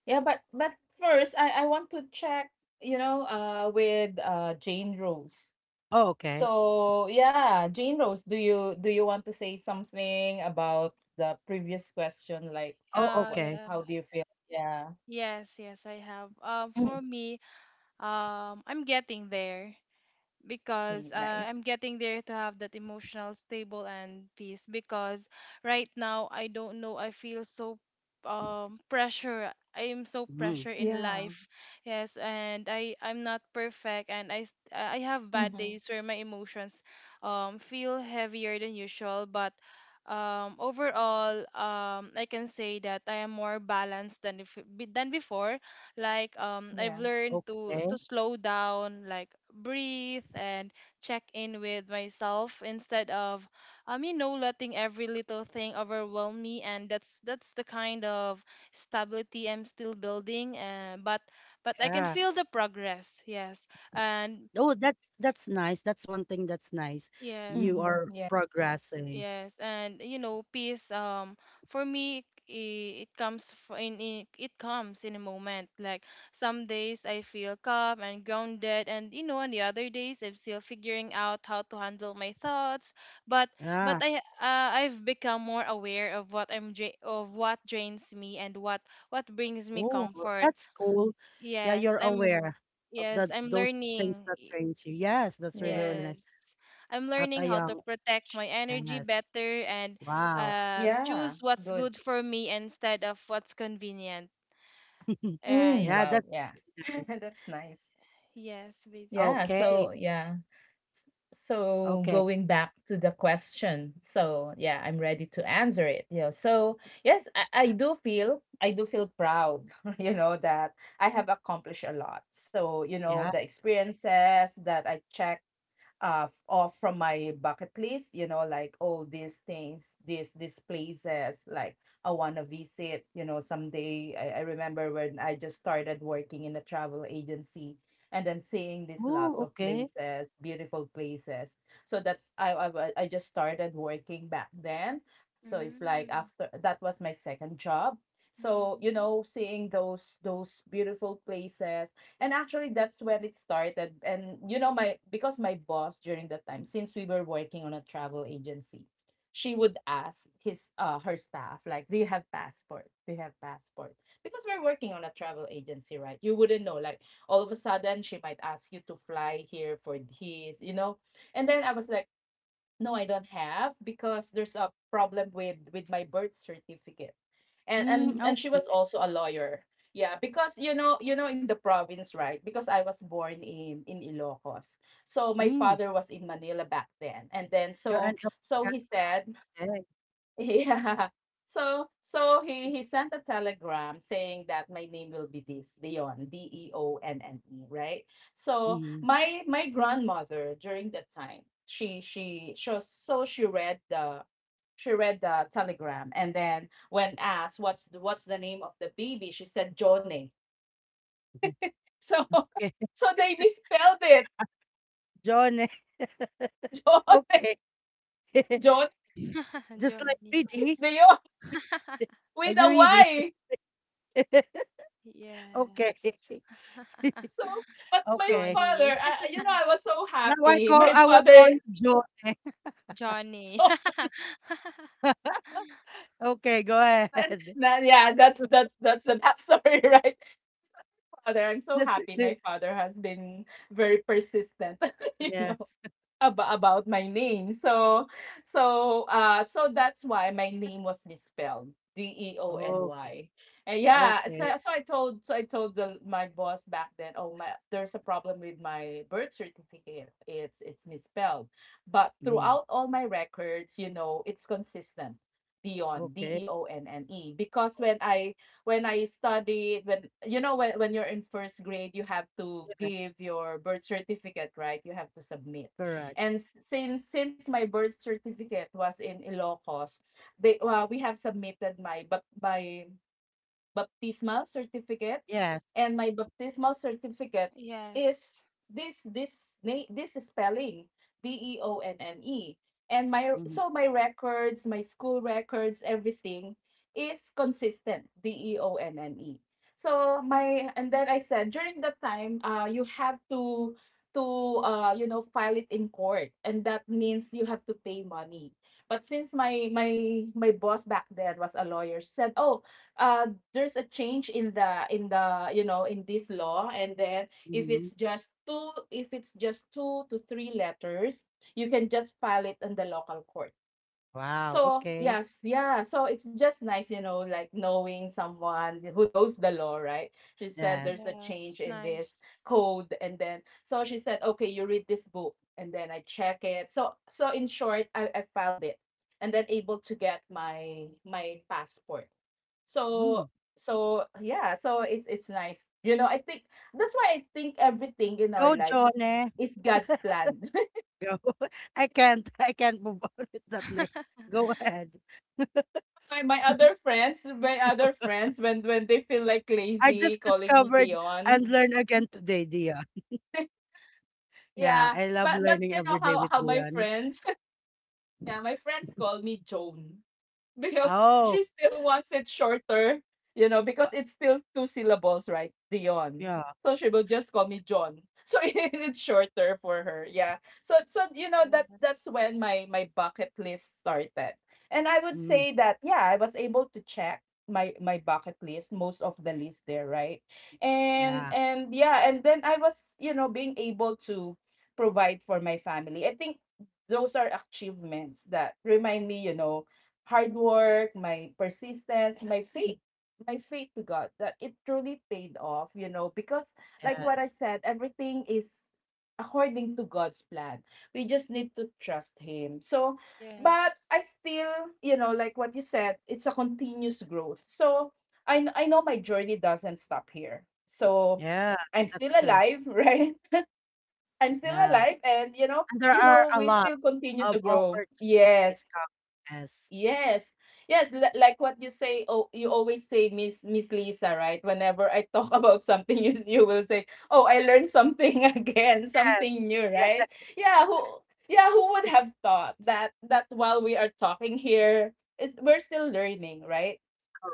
Yeah, but first I want to check, you know, with Jane Rose.
Oh, okay.
So, yeah, Jane Rose, do you want to say something about the previous question, like
Oh,
what
okay.
Yeah.
how do you feel? Yeah.
Yes, yes, I have. For
Mm,
me, I'm getting there. Because I'm
nice.
getting there to have that emotional stable and peace because right now I don't know I feel so pressure I am so
Mm,
pressure in
Yeah.
life yes and I I'm not perfect and I have bad
Mhm.
days where my emotions feel heavier than usual but overall I can say that I am more balanced than if, than before like I've
Yeah.
learned
okay.
to slow down, like breathe and check in with myself instead of you know letting every little thing overwhelm me and that's the kind of stability I'm still building but I
Yeah.
can feel the progress. Yes. And
Oh, that's nice. That's one thing that's nice. You
yes.
are
Mhm. Yeah.
progressing.
Yes, and you know, peace. For me, it comes in it comes in a moment. Like some days I feel calm and grounded, and you know, on the other days I'm still figuring out how to handle my thoughts. But but
Yeah.
I I've become more aware of what of what drains me and what brings me
Oh,
comfort.
that's cool. Yeah, you're
Yes, I'm
Aware of
yes
the
I'm
those things
learning.
that trains you. Yes, that's really, really
Yes.
nice.
Yes. I'm
At
learning
a
how to
young
protect
age.
my energy
Yes.
better and
Wow.
Yeah.
choose what's
Good.
good for me instead of what's convenient. Right.
Mm,
Yeah,
wow,
that's
yeah.
nice.
That's nice.
Yes,
Yeah,
basically.
Okay.
so yeah. So
Okay.
going back to the question, so yeah, I'm ready to answer it. You know, so yes, I do feel proud, you know, that I have accomplished a lot. So, you know,
Yeah.
the experiences that I off from my bucket list, you know, like all these things, these places, like I want to visit, you know, someday. I remember when I just started working in a travel agency, and then seeing these
Oh,
lots of
okay.
places, beautiful places. So that's I just started working back then, so it's like
Mm-hmm.
after that was my second job. So, you know, seeing those beautiful places. And actually, that's when it started. And you know, my because my boss during that time, since we were working on a travel agency, she would ask his her staff, like, "Do you have passport? Do you have passport?" Because we're working on a travel agency, right? You wouldn't know. Like all of a sudden, she might ask you to fly here for his, you know. And then I was like, no, I don't have, because there's a problem with my birth certificate. And and
Mm,
and she
okay.
was also a lawyer. Yeah, because you know, in the province, right? Because I was born in Ilocos. So my
Mm.
father was in Manila back then. And then
You're an
so
advocate.
so he said.
Okay.
Yeah. So he sent a telegram saying that my name will be this Dion, Deonne, right. So
Mm.
my grandmother during that time, she so so she read the, telegram, and then when asked what's the name of the baby, she said Johnny.
Mhm.
So,
Okay,
so they misspelled it.
John. Eh,
John.
okay,
John
just like
Johnny.
so it's
ready.
Dion
Are
with
you
a
ready?
Y.
Okay,
Yes.
So, but my
okay.
father,
Johnny.
I, you know, I was so
Now I
happy.
call
My
I will call
father,
you Joy.
Johnny.
so,
Okay, go
and
ahead.
that, yeah, that's the backstory, right? So, my father, I'm so
That's
happy.
it.
My father has been very persistent, you know,
Yes.
about my name. So that's why my name was misspelled. D E O N
Okay.
Y. And yeah, so,
Okay.
so I told so I told my boss back then, oh my, there's a problem with my birth certificate. It's misspelled. But
Mm.
throughout all my records, you know, it's consistent. Dion, D
Okay.
E O N N E. Because when I studied, when you know, when you're in first grade, you have to
Yes.
give your birth certificate, right? You have to submit.
Correct.
And since my birth certificate was in Ilocos, they we have submitted my, but my baptismal certificate,
Yes.
and my baptismal certificate is
Yes.
this spelling, Deonne. And my
Hmm.
so my records, my school records, everything is consistent, Deonne. So my and then I said during that time, you have to, to you know, file it in court, and that means you have to pay money. But since my boss back then was a lawyer, said, "Oh, uh, there's a change in the, you know, in this law, and then
Hmm.
if it's just two to three letters, you can just file it in the local court."
Wow.
So,
Okay.
yes, yeah. So it's just nice, you know, like knowing someone who knows the law, right? She said there's a
Yes.
change
Yes.
in
Nice.
this code. And then, so she said, okay, you read this book. And then I check it. So in short, I filed it, and then able to get my passport. So,
Mm.
so it's nice. You know, I think that's why I think everything in our
Go,
lives
Johnny.
is God's plan.
Go. I can't. I can't move on with that name. Go ahead.
My other friends, when they feel like
I
lazy,
just
calling me
discovered
Dion.
and learn again today, Dion. Yeah,
Yeah,
I love
but
learning
you know
every day with
how my
Dion.
friends, yeah, my friends call me Joan. Because
Oh,
she still wants it shorter, you know,
wa-
because it's still two syllables, right? Dion.
yeah.
So she will just call me John. So, it's shorter for her. Yeah. So you know that
Yes.
that's when my bucket list started. And I would
Mm,
say that, yeah, I was able to check my bucket list, most of the list there, right? And
yeah.
and yeah, and then I was, you know, being able to provide for my family. I think those are achievements that remind me, you know, hard work, my persistence, my faith to God that it truly paid off, you know, because like what I
Yes.
said, everything is according to God's plan. We just need to trust him. So, but
Yes.
I still, you know, like what you said, it's a continuous growth. So, I know my journey doesn't stop here. So,
Yeah,
I'm still
that's true.
alive, right? I'm still alive,
Yeah.
and you know,
And there
we
are a
still
lot
continue to
of
grow. Yes.
opportunities coming. Yes.
Yes. Yes, like what you say, oh, you always say Miss Lisa, right? Whenever I talk about something, you will say, "Oh, I learned something again,
Yeah.
something new," right?
Yeah.
Yeah, who would have thought that while we are talking here is we're still learning, right?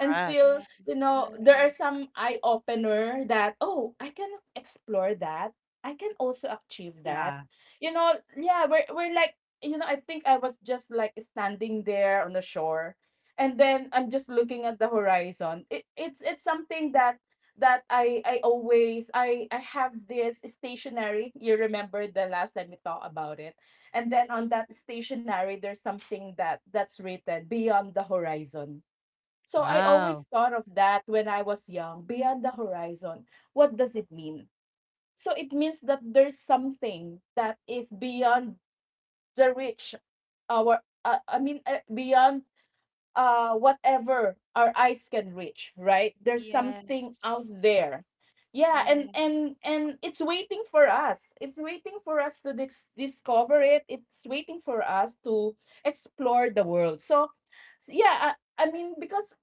And still,
Yes.
you know, there are
Correct.
some eye opener that, oh, I can explore that, I can also achieve that,
Yeah.
you know. Yeah, we're like, you know, I think I was just like standing there on the shore, and then I'm just looking at the horizon. It's something that that I always I have this stationery. You remember the last time we talked about it, and then on that stationery, there's something that's written: beyond the horizon. So I always
Wow.
thought of that when I was young, beyond the horizon. What does it mean? So it means that there's something that is beyond the reach, I mean, beyond whatever our eyes can reach, right? There's something out
Yes.
there. Yeah, and
Yeah.
and and it's waiting for us, to discover it. It's waiting for us to explore the world. So, so, yeah, I mean, because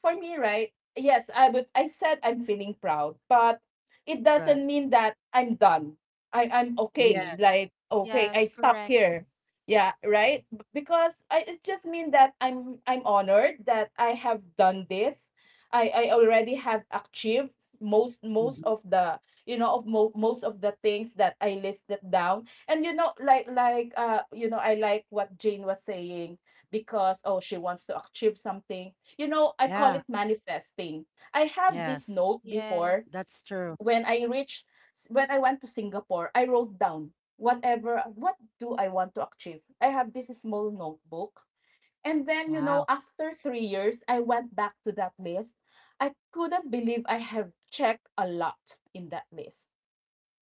for me, right, yes, I said I'm feeling proud. But it
Correct.
doesn't mean that I'm done. I'm
Yeah.
okay, like, okay, I
Yes,
stop
correct.
here, yeah, right? Because I it just mean that I'm honored that I have done this. I already have achieved most most
Mhm.
of the you know of mo- most of the things that I listed down. And you know, I like what Jane was saying, because, oh, she wants to achieve something. You know, I call
Yeah.
it manifesting. I have this
Yes.
note before.
That's
Yes.
true.
When I reached, when I went to Singapore, I wrote down what do I want to achieve. I have this small notebook. And then, you know,
Wow.
after 3 years, I went back to that list. I couldn't believe I have checked a lot in that list,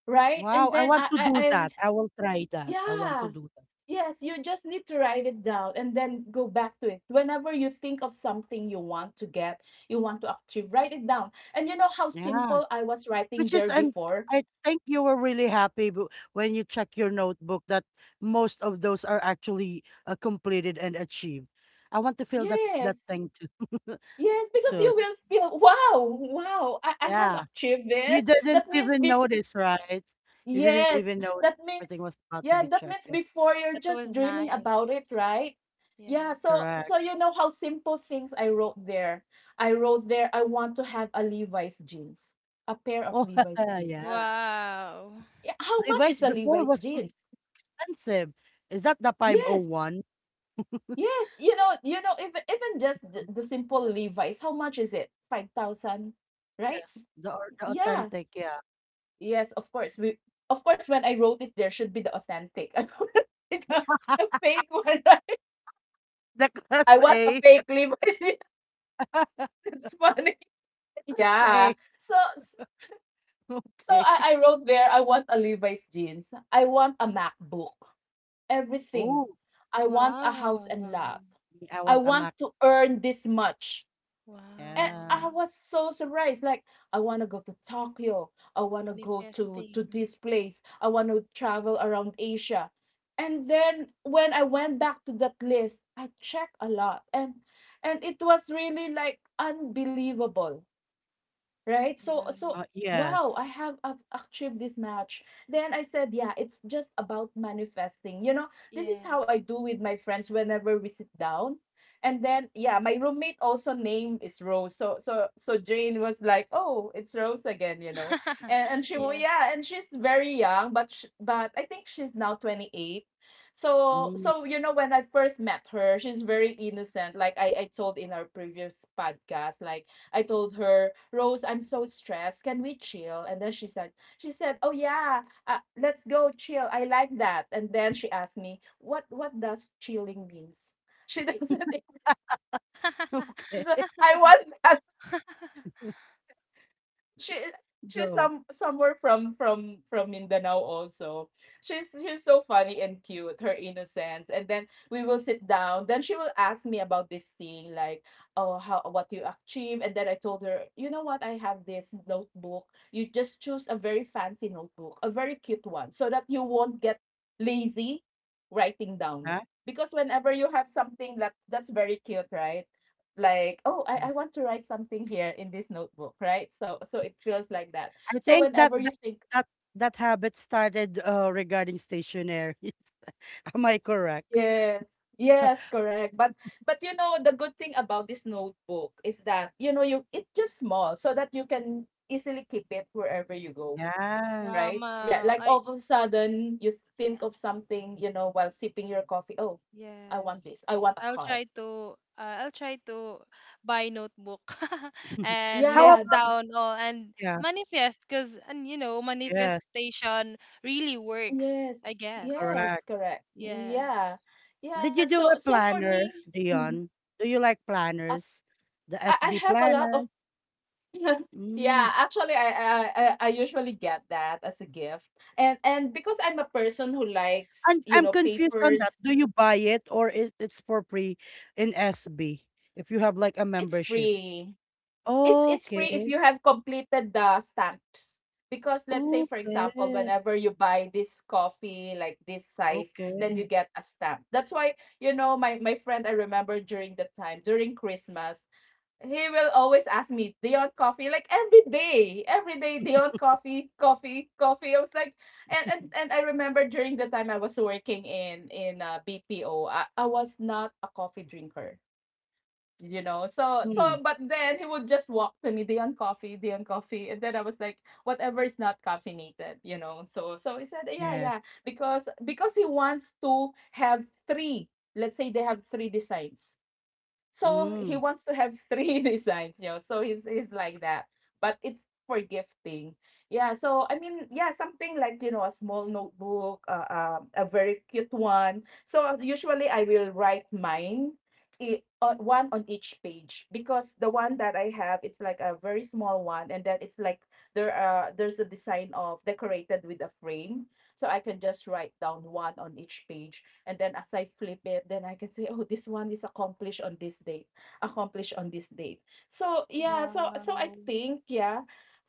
right?
Wow.
And
I
then
want to do
I
that. I will try that. I want to
yeah.
do that.
Yes, you just need to write it down, and then go back to it. Whenever you think of something you want to get, you want to achieve, write it down. And you know how
Yeah.
simple I was writing
Which is,
there
and
before?
I think you were really happy when you check your notebook that most of those are actually completed and achieved. I want to feel that
Yes.
thing too.
Yes, because
Wow.
Soon.
you will feel, wow, wow, I have
Yeah.
achieved
You
this.
didn't
That means
even
before,
notice, right? You didn't
yes,
even notice
that
everything
means,
was about to
yeah,
be
that
checked.
means
Yeah,
before you're
That
just
was
dreaming about
nice.
it, right? Yeah, so
Yes.
correct.
so you know how simple things I wrote there. I wrote there, I want to have a Levi's jeans, a pair of
Oh,
Levi's jeans.
yeah.
Wow.
Yeah, how much
Levi's
is a
before
Levi's
was so
jeans?
expensive. Is that the
Yes,
501?
yes, you know, even just
Um,
the simple
Yes,
Levi's, how much is it? 5000, right?
yes. The
Yeah.
authentic, yeah.
Yes, of course. We Of course when I wrote it, there should be the authentic. I don't want the, the fake one. Right?
The class
I want a
A.
fake Levi's.
Class
Yes, it's funny. Yeah.
A.
So s- so
Okay.
I wrote there, I want a Levi's jeans. I want a MacBook. Everything.
Oh,
I want a house and
Wow.
lot.
I
I
want a
want
Mac.
to earn this much. And
Wow.
Yeah.
I was so surprised. Like, I want to go to Tokyo. I want to go to
Manifesting.
this place. I want to travel around Asia. And then when I went back to that list, I checked a lot, and it was really like unbelievable, right? So
Right.
wow,
Yes.
I have achieved this match. Then I said, yeah, it's just about manifesting. This is how
Yes.
I do with my friends whenever we sit down. And then yeah, my roommate also name is Rose. So Jane was like, "Oh, it's Rose again," And
Yes.
yeah, and she's very young, but but I think she's now 28. So
Mm.
so you know when I first met her, she's very innocent like I told in our previous podcast like I told her, Rose, I'm so stressed. Can we chill? And then she said, oh yeah, let's go chill. I like that. And then she asked me, what does chilling means? She doesn't. She
Okay.
said, I want that she she's
Go.
somewhere from Mindanao also. She's so funny and cute, her innocence. And then we will sit down. Then she will ask me about this thing, like, oh, how what you achieve. And then I told her, you know what, I have this notebook. You just choose a very fancy notebook, a very cute one, so that you won't get lazy writing down.
Huh?
Because whenever you have something that's very cute, right? Like oh I want to write something here in this notebook, right? So it feels like that,
I
so
think
whenever you think.
that, that habit started regarding stationaries. Am I correct?
Yes, yes, correct, but you know the good thing about this notebook is that, you know, you, it's just small so that you can easily keep it wherever you go,
Yeah.
Wow,
right? Yeah,
Mau.
like
I
all of a sudden you think of something, you know, while sipping your coffee. Oh, I want this
Yes.
I want a car.
I'll try to buy notebook and
How
Yeah,
list
about
down all and
yeah?
manifest because and you know
Yes,
manifestation really works,
yes,
I guess.
correct.
yes, correct.
Yes.
Yeah, yeah.
Did you
so
do a
so for me,
planner, Dion? Do you like planners? The
I
SB
have a lot of.
planners? Mm.
Yeah, actually, I usually get that as a gift. And because I'm a person who likes,
I'm
you
I'm
know,
confused on that.
papers,
Do you buy it or is it's for free in SB if you have like a
it's
membership?
free. It's free if
Okay.
you have completed the stamps. Because let's say for example,
Okay.
whenever you buy this coffee like this size, then you
Okay.
get a stamp. That's why, you know, my friend, I remember during the time, during Christmas, he will always ask me, "Do you want coffee?" Like every day, "Do you want coffee, coffee, coffee." I was like, and I remember during the time I was working in BPO, I was not a coffee drinker, you know. So
Hmm.
but then he would just walk to me, "Do you want coffee? Do you want coffee?" And then I was like, "Whatever is not caffeinated, you know." So he said, "Yeah,
Yes.
yeah," because he wants to have three. Let's say they have three designs, so he
Mm,
wants to have three designs, you know. So he's like that. But it's for gifting. Yeah. So I mean, yeah, something like, you know, a small notebook, a very cute one. So usually I will write mine. One on each page, because the one that I have, it's like a very small one, and then it's like there's a design of decorated with a frame, so I can just write down one on each page, and then as I flip it, then I can say, oh, this one is accomplished on this date, accomplished on this date. So yeah, so I
Wow.
think, yeah,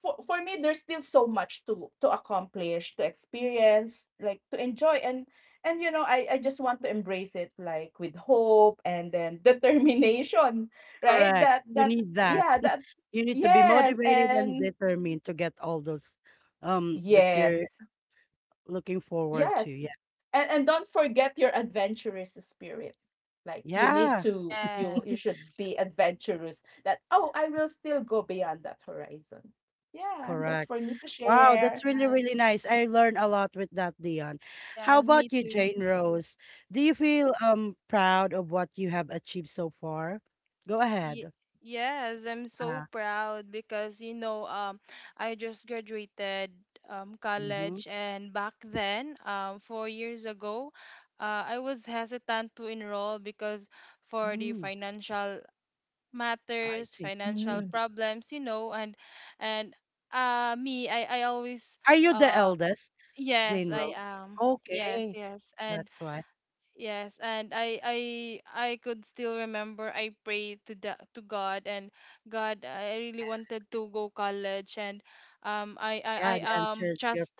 for me, there's still so much to accomplish, to experience, like to enjoy, and you know, I just want to embrace it like with hope and then determination, right?
correct.
That
You
that
need that.
yeah, that
You need to be
yes,
motivated
and
and determined to get all those that you're
yes.
looking forward to.
Yes.
Yeah.
And don't forget your adventurous spirit. Like you need
Yeah.
to you should
Yes.
be adventurous, that oh, I will still go beyond that horizon. Yeah, that's
Correct.
for me to
Wow,
Yes,
that's
share.
really, really
nice.
nice. I learned a lot with that, Dion. How
Yes, me
about you,
too.
Jane Rose? Do you feel proud of what you have achieved so far? Go
Ye-
ahead.
yes, I'm so
Ah,
proud because you know I just graduated
mm-hmm.
college and back then 4 years ago I was hesitant to enroll because for the
Mm,
financial
I
matters,
see.
Mm.
financial
Mhm.
problems, you know, and me I always
Are you the
uh
eldest,
yes,
Jane
I
Rose?
am. Yes,
Okay,
yes. And
that's why.
Yes, and I could still remember I prayed to God and God I really wanted to go college and
God
I
answered your
trust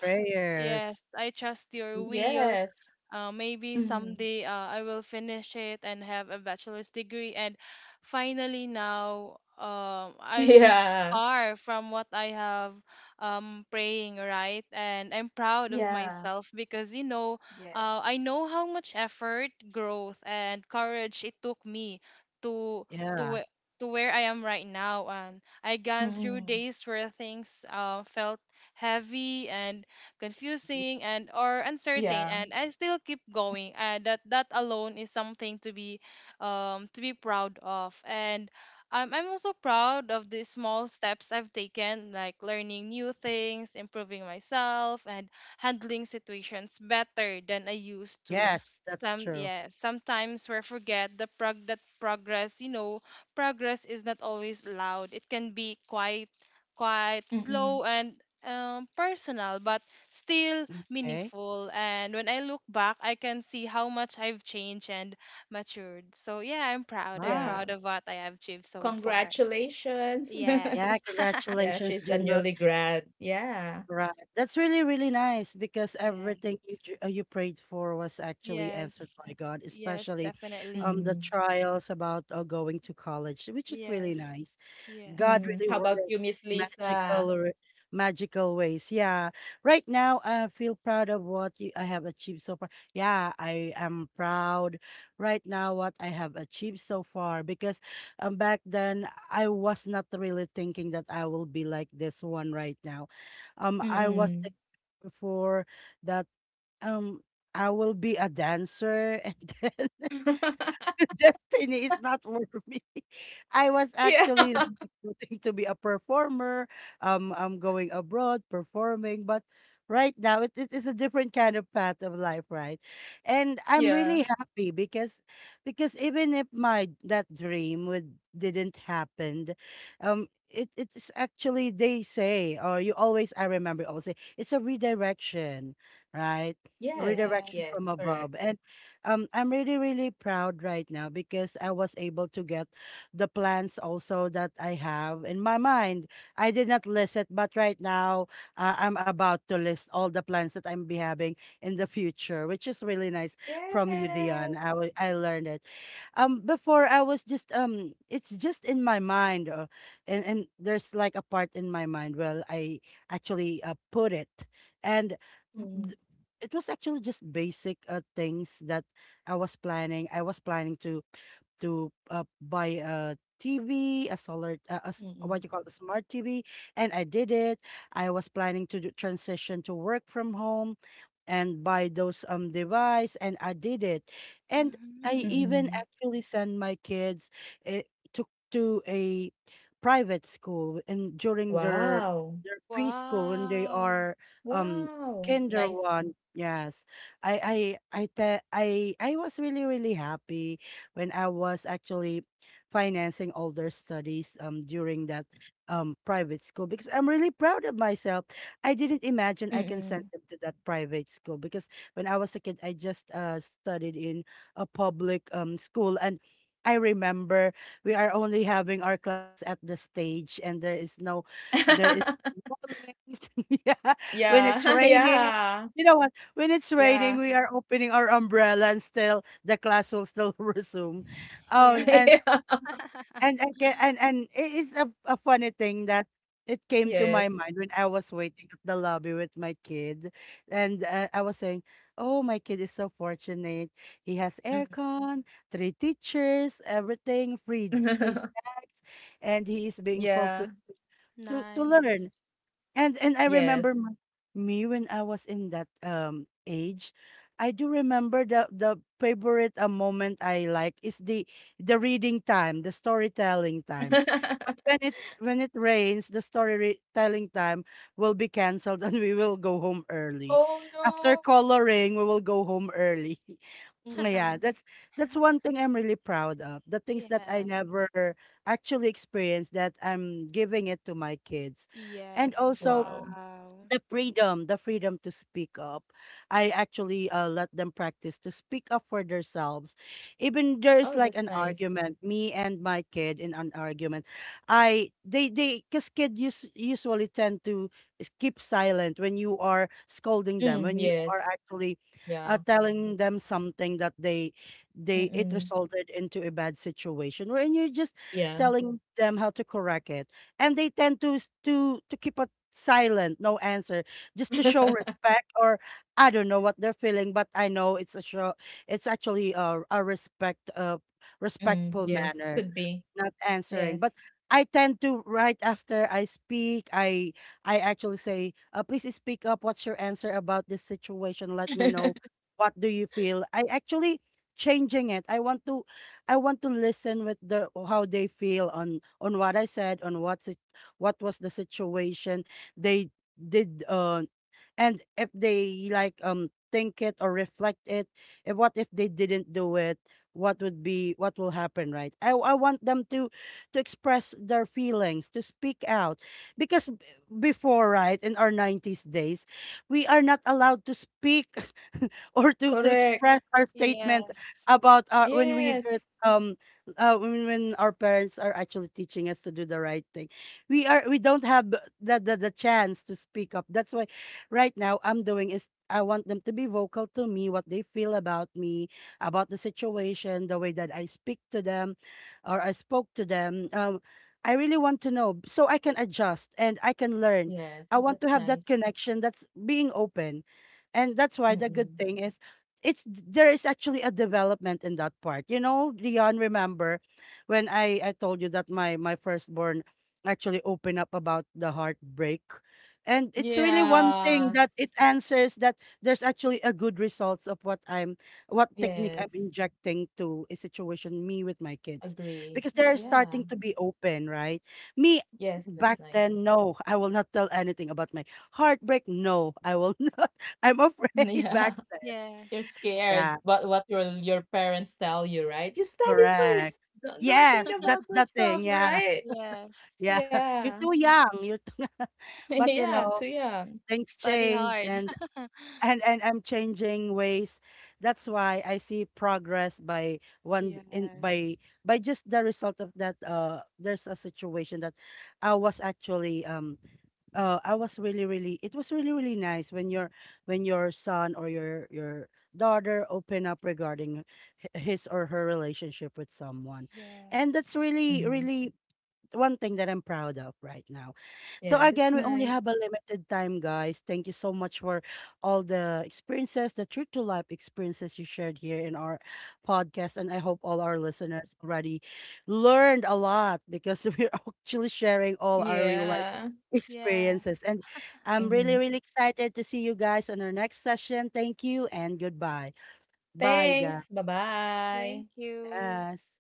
yes
prayers.
I trust your
Mm,
will
Yes.
maybe
Mm.
someday I will finish it and have a bachelor's degree. And finally, now I'm
Yeah.
far from what I have praying, right? And I'm proud of
Yeah.
myself because, you know,
Yes.
I know how much effort, growth, and courage it took me to to
yeah,
whe- to where I am right now. And I gone through
Mm.
days where things felt heavy and confusing and or uncertain
Yeah.
and I still keep going that that alone is something to be proud of and I'm also proud of the small steps I've taken like learning new things improving myself and handling situations better than I used to
yes, that's
some
true.
yeah sometimes we forget the progress you know progress is not always loud it can be quite quite slow
Mm-mm.
and personal but still
Okay.
meaningful. And when I look back, I can see how much I've changed and matured. So yeah, I'm proud. I'm
Wow.
Yeah.
proud of what I have achieved so far.
Congratulations.
Yes.
Yeah,
Yeah,
congratulations,
she's a
Jane.
newly grad. Yeah.
Right. That's really, really nice because everything
Yes.
you prayed for was actually answered
Yes.
by God,
Yes,
especially
definitely.
the
Mm.
trials about going to college, which is really
Yes.
nice.
Yes.
God
Mm.
really
How
works
about you, Miss
in
Lisa?
magical or magical ways. Yeah. Right now I feel proud of what I have achieved so far. Yeah, I am proud right now what I have achieved so far because back then I was not really thinking that I will be like this one right now. I was
Mm-mm.
thinking before that um I will be a dancer and then destiny is not for me. I was
Yeah.
actually like expecting to be a performer. I'm going abroad performing, but right now it is a different kind of path of life, right? And I'm really
Yeah.
happy because even if my that dream would didn't happen, it's actually they say, or you always, I remember, always say, it's a redirection, right? A
Yes,
redirection
Yes.
from
yes,
above.
correct.
I'm really really proud right now because I was able to get the plans also that I have in my mind. I did not list it, but right now I'm about to list all the plans that I'm be having in the future, which is really nice from you, Dion. I
Yes.
wa- I learned it. Before I was just it's just in my mind, and there's like a part in my mind. Well, I actually put it, and f- th-
Mm,
it was actually just basic things that I was planning to buy a TV, a solar, what you
mm,
call a smart TV, and I did it. I was planning to do transition to work from home and buy those device, and I did it. And I
Mm-hmm.
even
mm.
actually send my kids uh, to to a private school and during their
Wow.
their preschool when they
Wow.
are um
Wow.
kinder
Nice.
one. Yes. I te- I was really really happy when I was actually financing all their studies during that private school because I'm really proud of myself. I didn't imagine I can send
Mm.
them to that private school because when I was a kid I just studied in a public school and I remember we are only having our classes at the stage and there is no there is no lights. yeah when
Yeah.
it's raining
Yeah.
you know when it's raining,
Yeah.
we are opening our umbrella and still the class will still resume.
Yeah.
Um, and
Yeah.
and and it is a funny thing that it came to my
Yes.
mind when I was waiting at the lobby with my kid, and I was saying, "Oh, my kid is so fortunate. He has
Mm.
aircon, three teachers, everything, free snacks, and he is being
Yeah.
focused to learn."
Nice.
And I remember
Yes.
me when I was in that age. I do remember the favorite moment I like is the reading time, the storytelling time. But when it when it rains, the storytelling time will be canceled and we will go home early.
Oh
After
no.
coloring, we will go home early. Yeah,
Mm.
that's one thing I'm really proud of. The things that I
Yes.
never actually experienced that I'm giving it to my kids. And
Yes.
also
Wow.
Wow.
the freedom to speak up. I actually let them practice to speak up for themselves, even
Oh,
there's
that's
like an
nice.
argument, me and my kid in an argument. I they they, because kids usually tend to keep silent when you are scolding them,
Mm,
when you are
yes.
actually
Yeah.
telling them something that they it
Mm-mm.
resulted into a bad situation, when you're just
Yeah.
telling them how to correct it and they tend to to keep silent, no answer, just to show respect, or I don't know what they're feeling, but I know it's a show. It's actually a respect,
Mm,
respectful
yes.
manner,
Could be.
not answering. But
Yes.
I tend to, right after I speak, I actually say, "Uh, please speak up. What's your answer about this situation? Let me know. What do you feel?" I actually changing it. I want to listen with the how they feel on what I said, on what was the situation they did, and if they like think it or reflect it. And what if they didn't do it? what would be what will happen, right? I want them to express their feelings, to speak out, because before, right, in our 90s days we are not allowed to speak or to
Correct.
express our statement
Yes.
about our when we get
Yes.
when our parents are actually teaching us to do the right thing. We don't have the chance to speak up. That's why right now I'm doing is I want them to be vocal to me, what they feel about me, about the situation, the way that I speak to them or I spoke to them. I really want to know so I can adjust and I can learn.
Yes,
I want to
that's
have that
nice.
connection that's being open, and that's why the good
Mm-mm.
thing is it's there is actually a development in that part. You know, Dion, remember when I told you that my firstborn actually opened up about the heartbreak, and it's really one thing
Yeah.
that it answers that there's actually a good results of what I'm what technique I'm
Yes.
injecting to a situation me with my kids,
Agree.
because
Yeah.
they're
Yeah.
starting to be open, right? Me
Yes, that's
back
nice.
then, no, I will not tell anything about my heartbreak. No, I will not. I'm afraid back
Yeah.
then.
You're
Yes.
scared
Yeah,
but what your parents tell you, right? You study
correct.
first. Don't think
Yes,
about
that's the
those stuff,
thing. Yeah,
right?
Yes.
yeah. You're
Yeah.
too young. You're too, but you
Yeah, too
know
young.
things
Study
change,
hard.
and and and I'm changing ways. That's why I see progress by one d- in by
Yes.
by just the result of that. There's a situation that I was actually um I was really, really, it was really, really nice when your son or your daughter open up regarding his or her relationship with someone, and that's
Yes.
really,
Mm.
really one thing that I'm proud of right now. So
Yeah, that's
again, we only
nice.
have a limited time, guys. Thank you so much for all the experiences, the true to life experiences you shared here in our podcast. And I hope all our listeners already learned a lot because we're actually sharing all our real life
Yeah.
Yes.
experiences. And I'm
Mm-hmm.
really, really excited to see you guys on our next session. Thank you and goodbye. Bye,
Thanks.
Thank
Bye-bye.
you.
guys.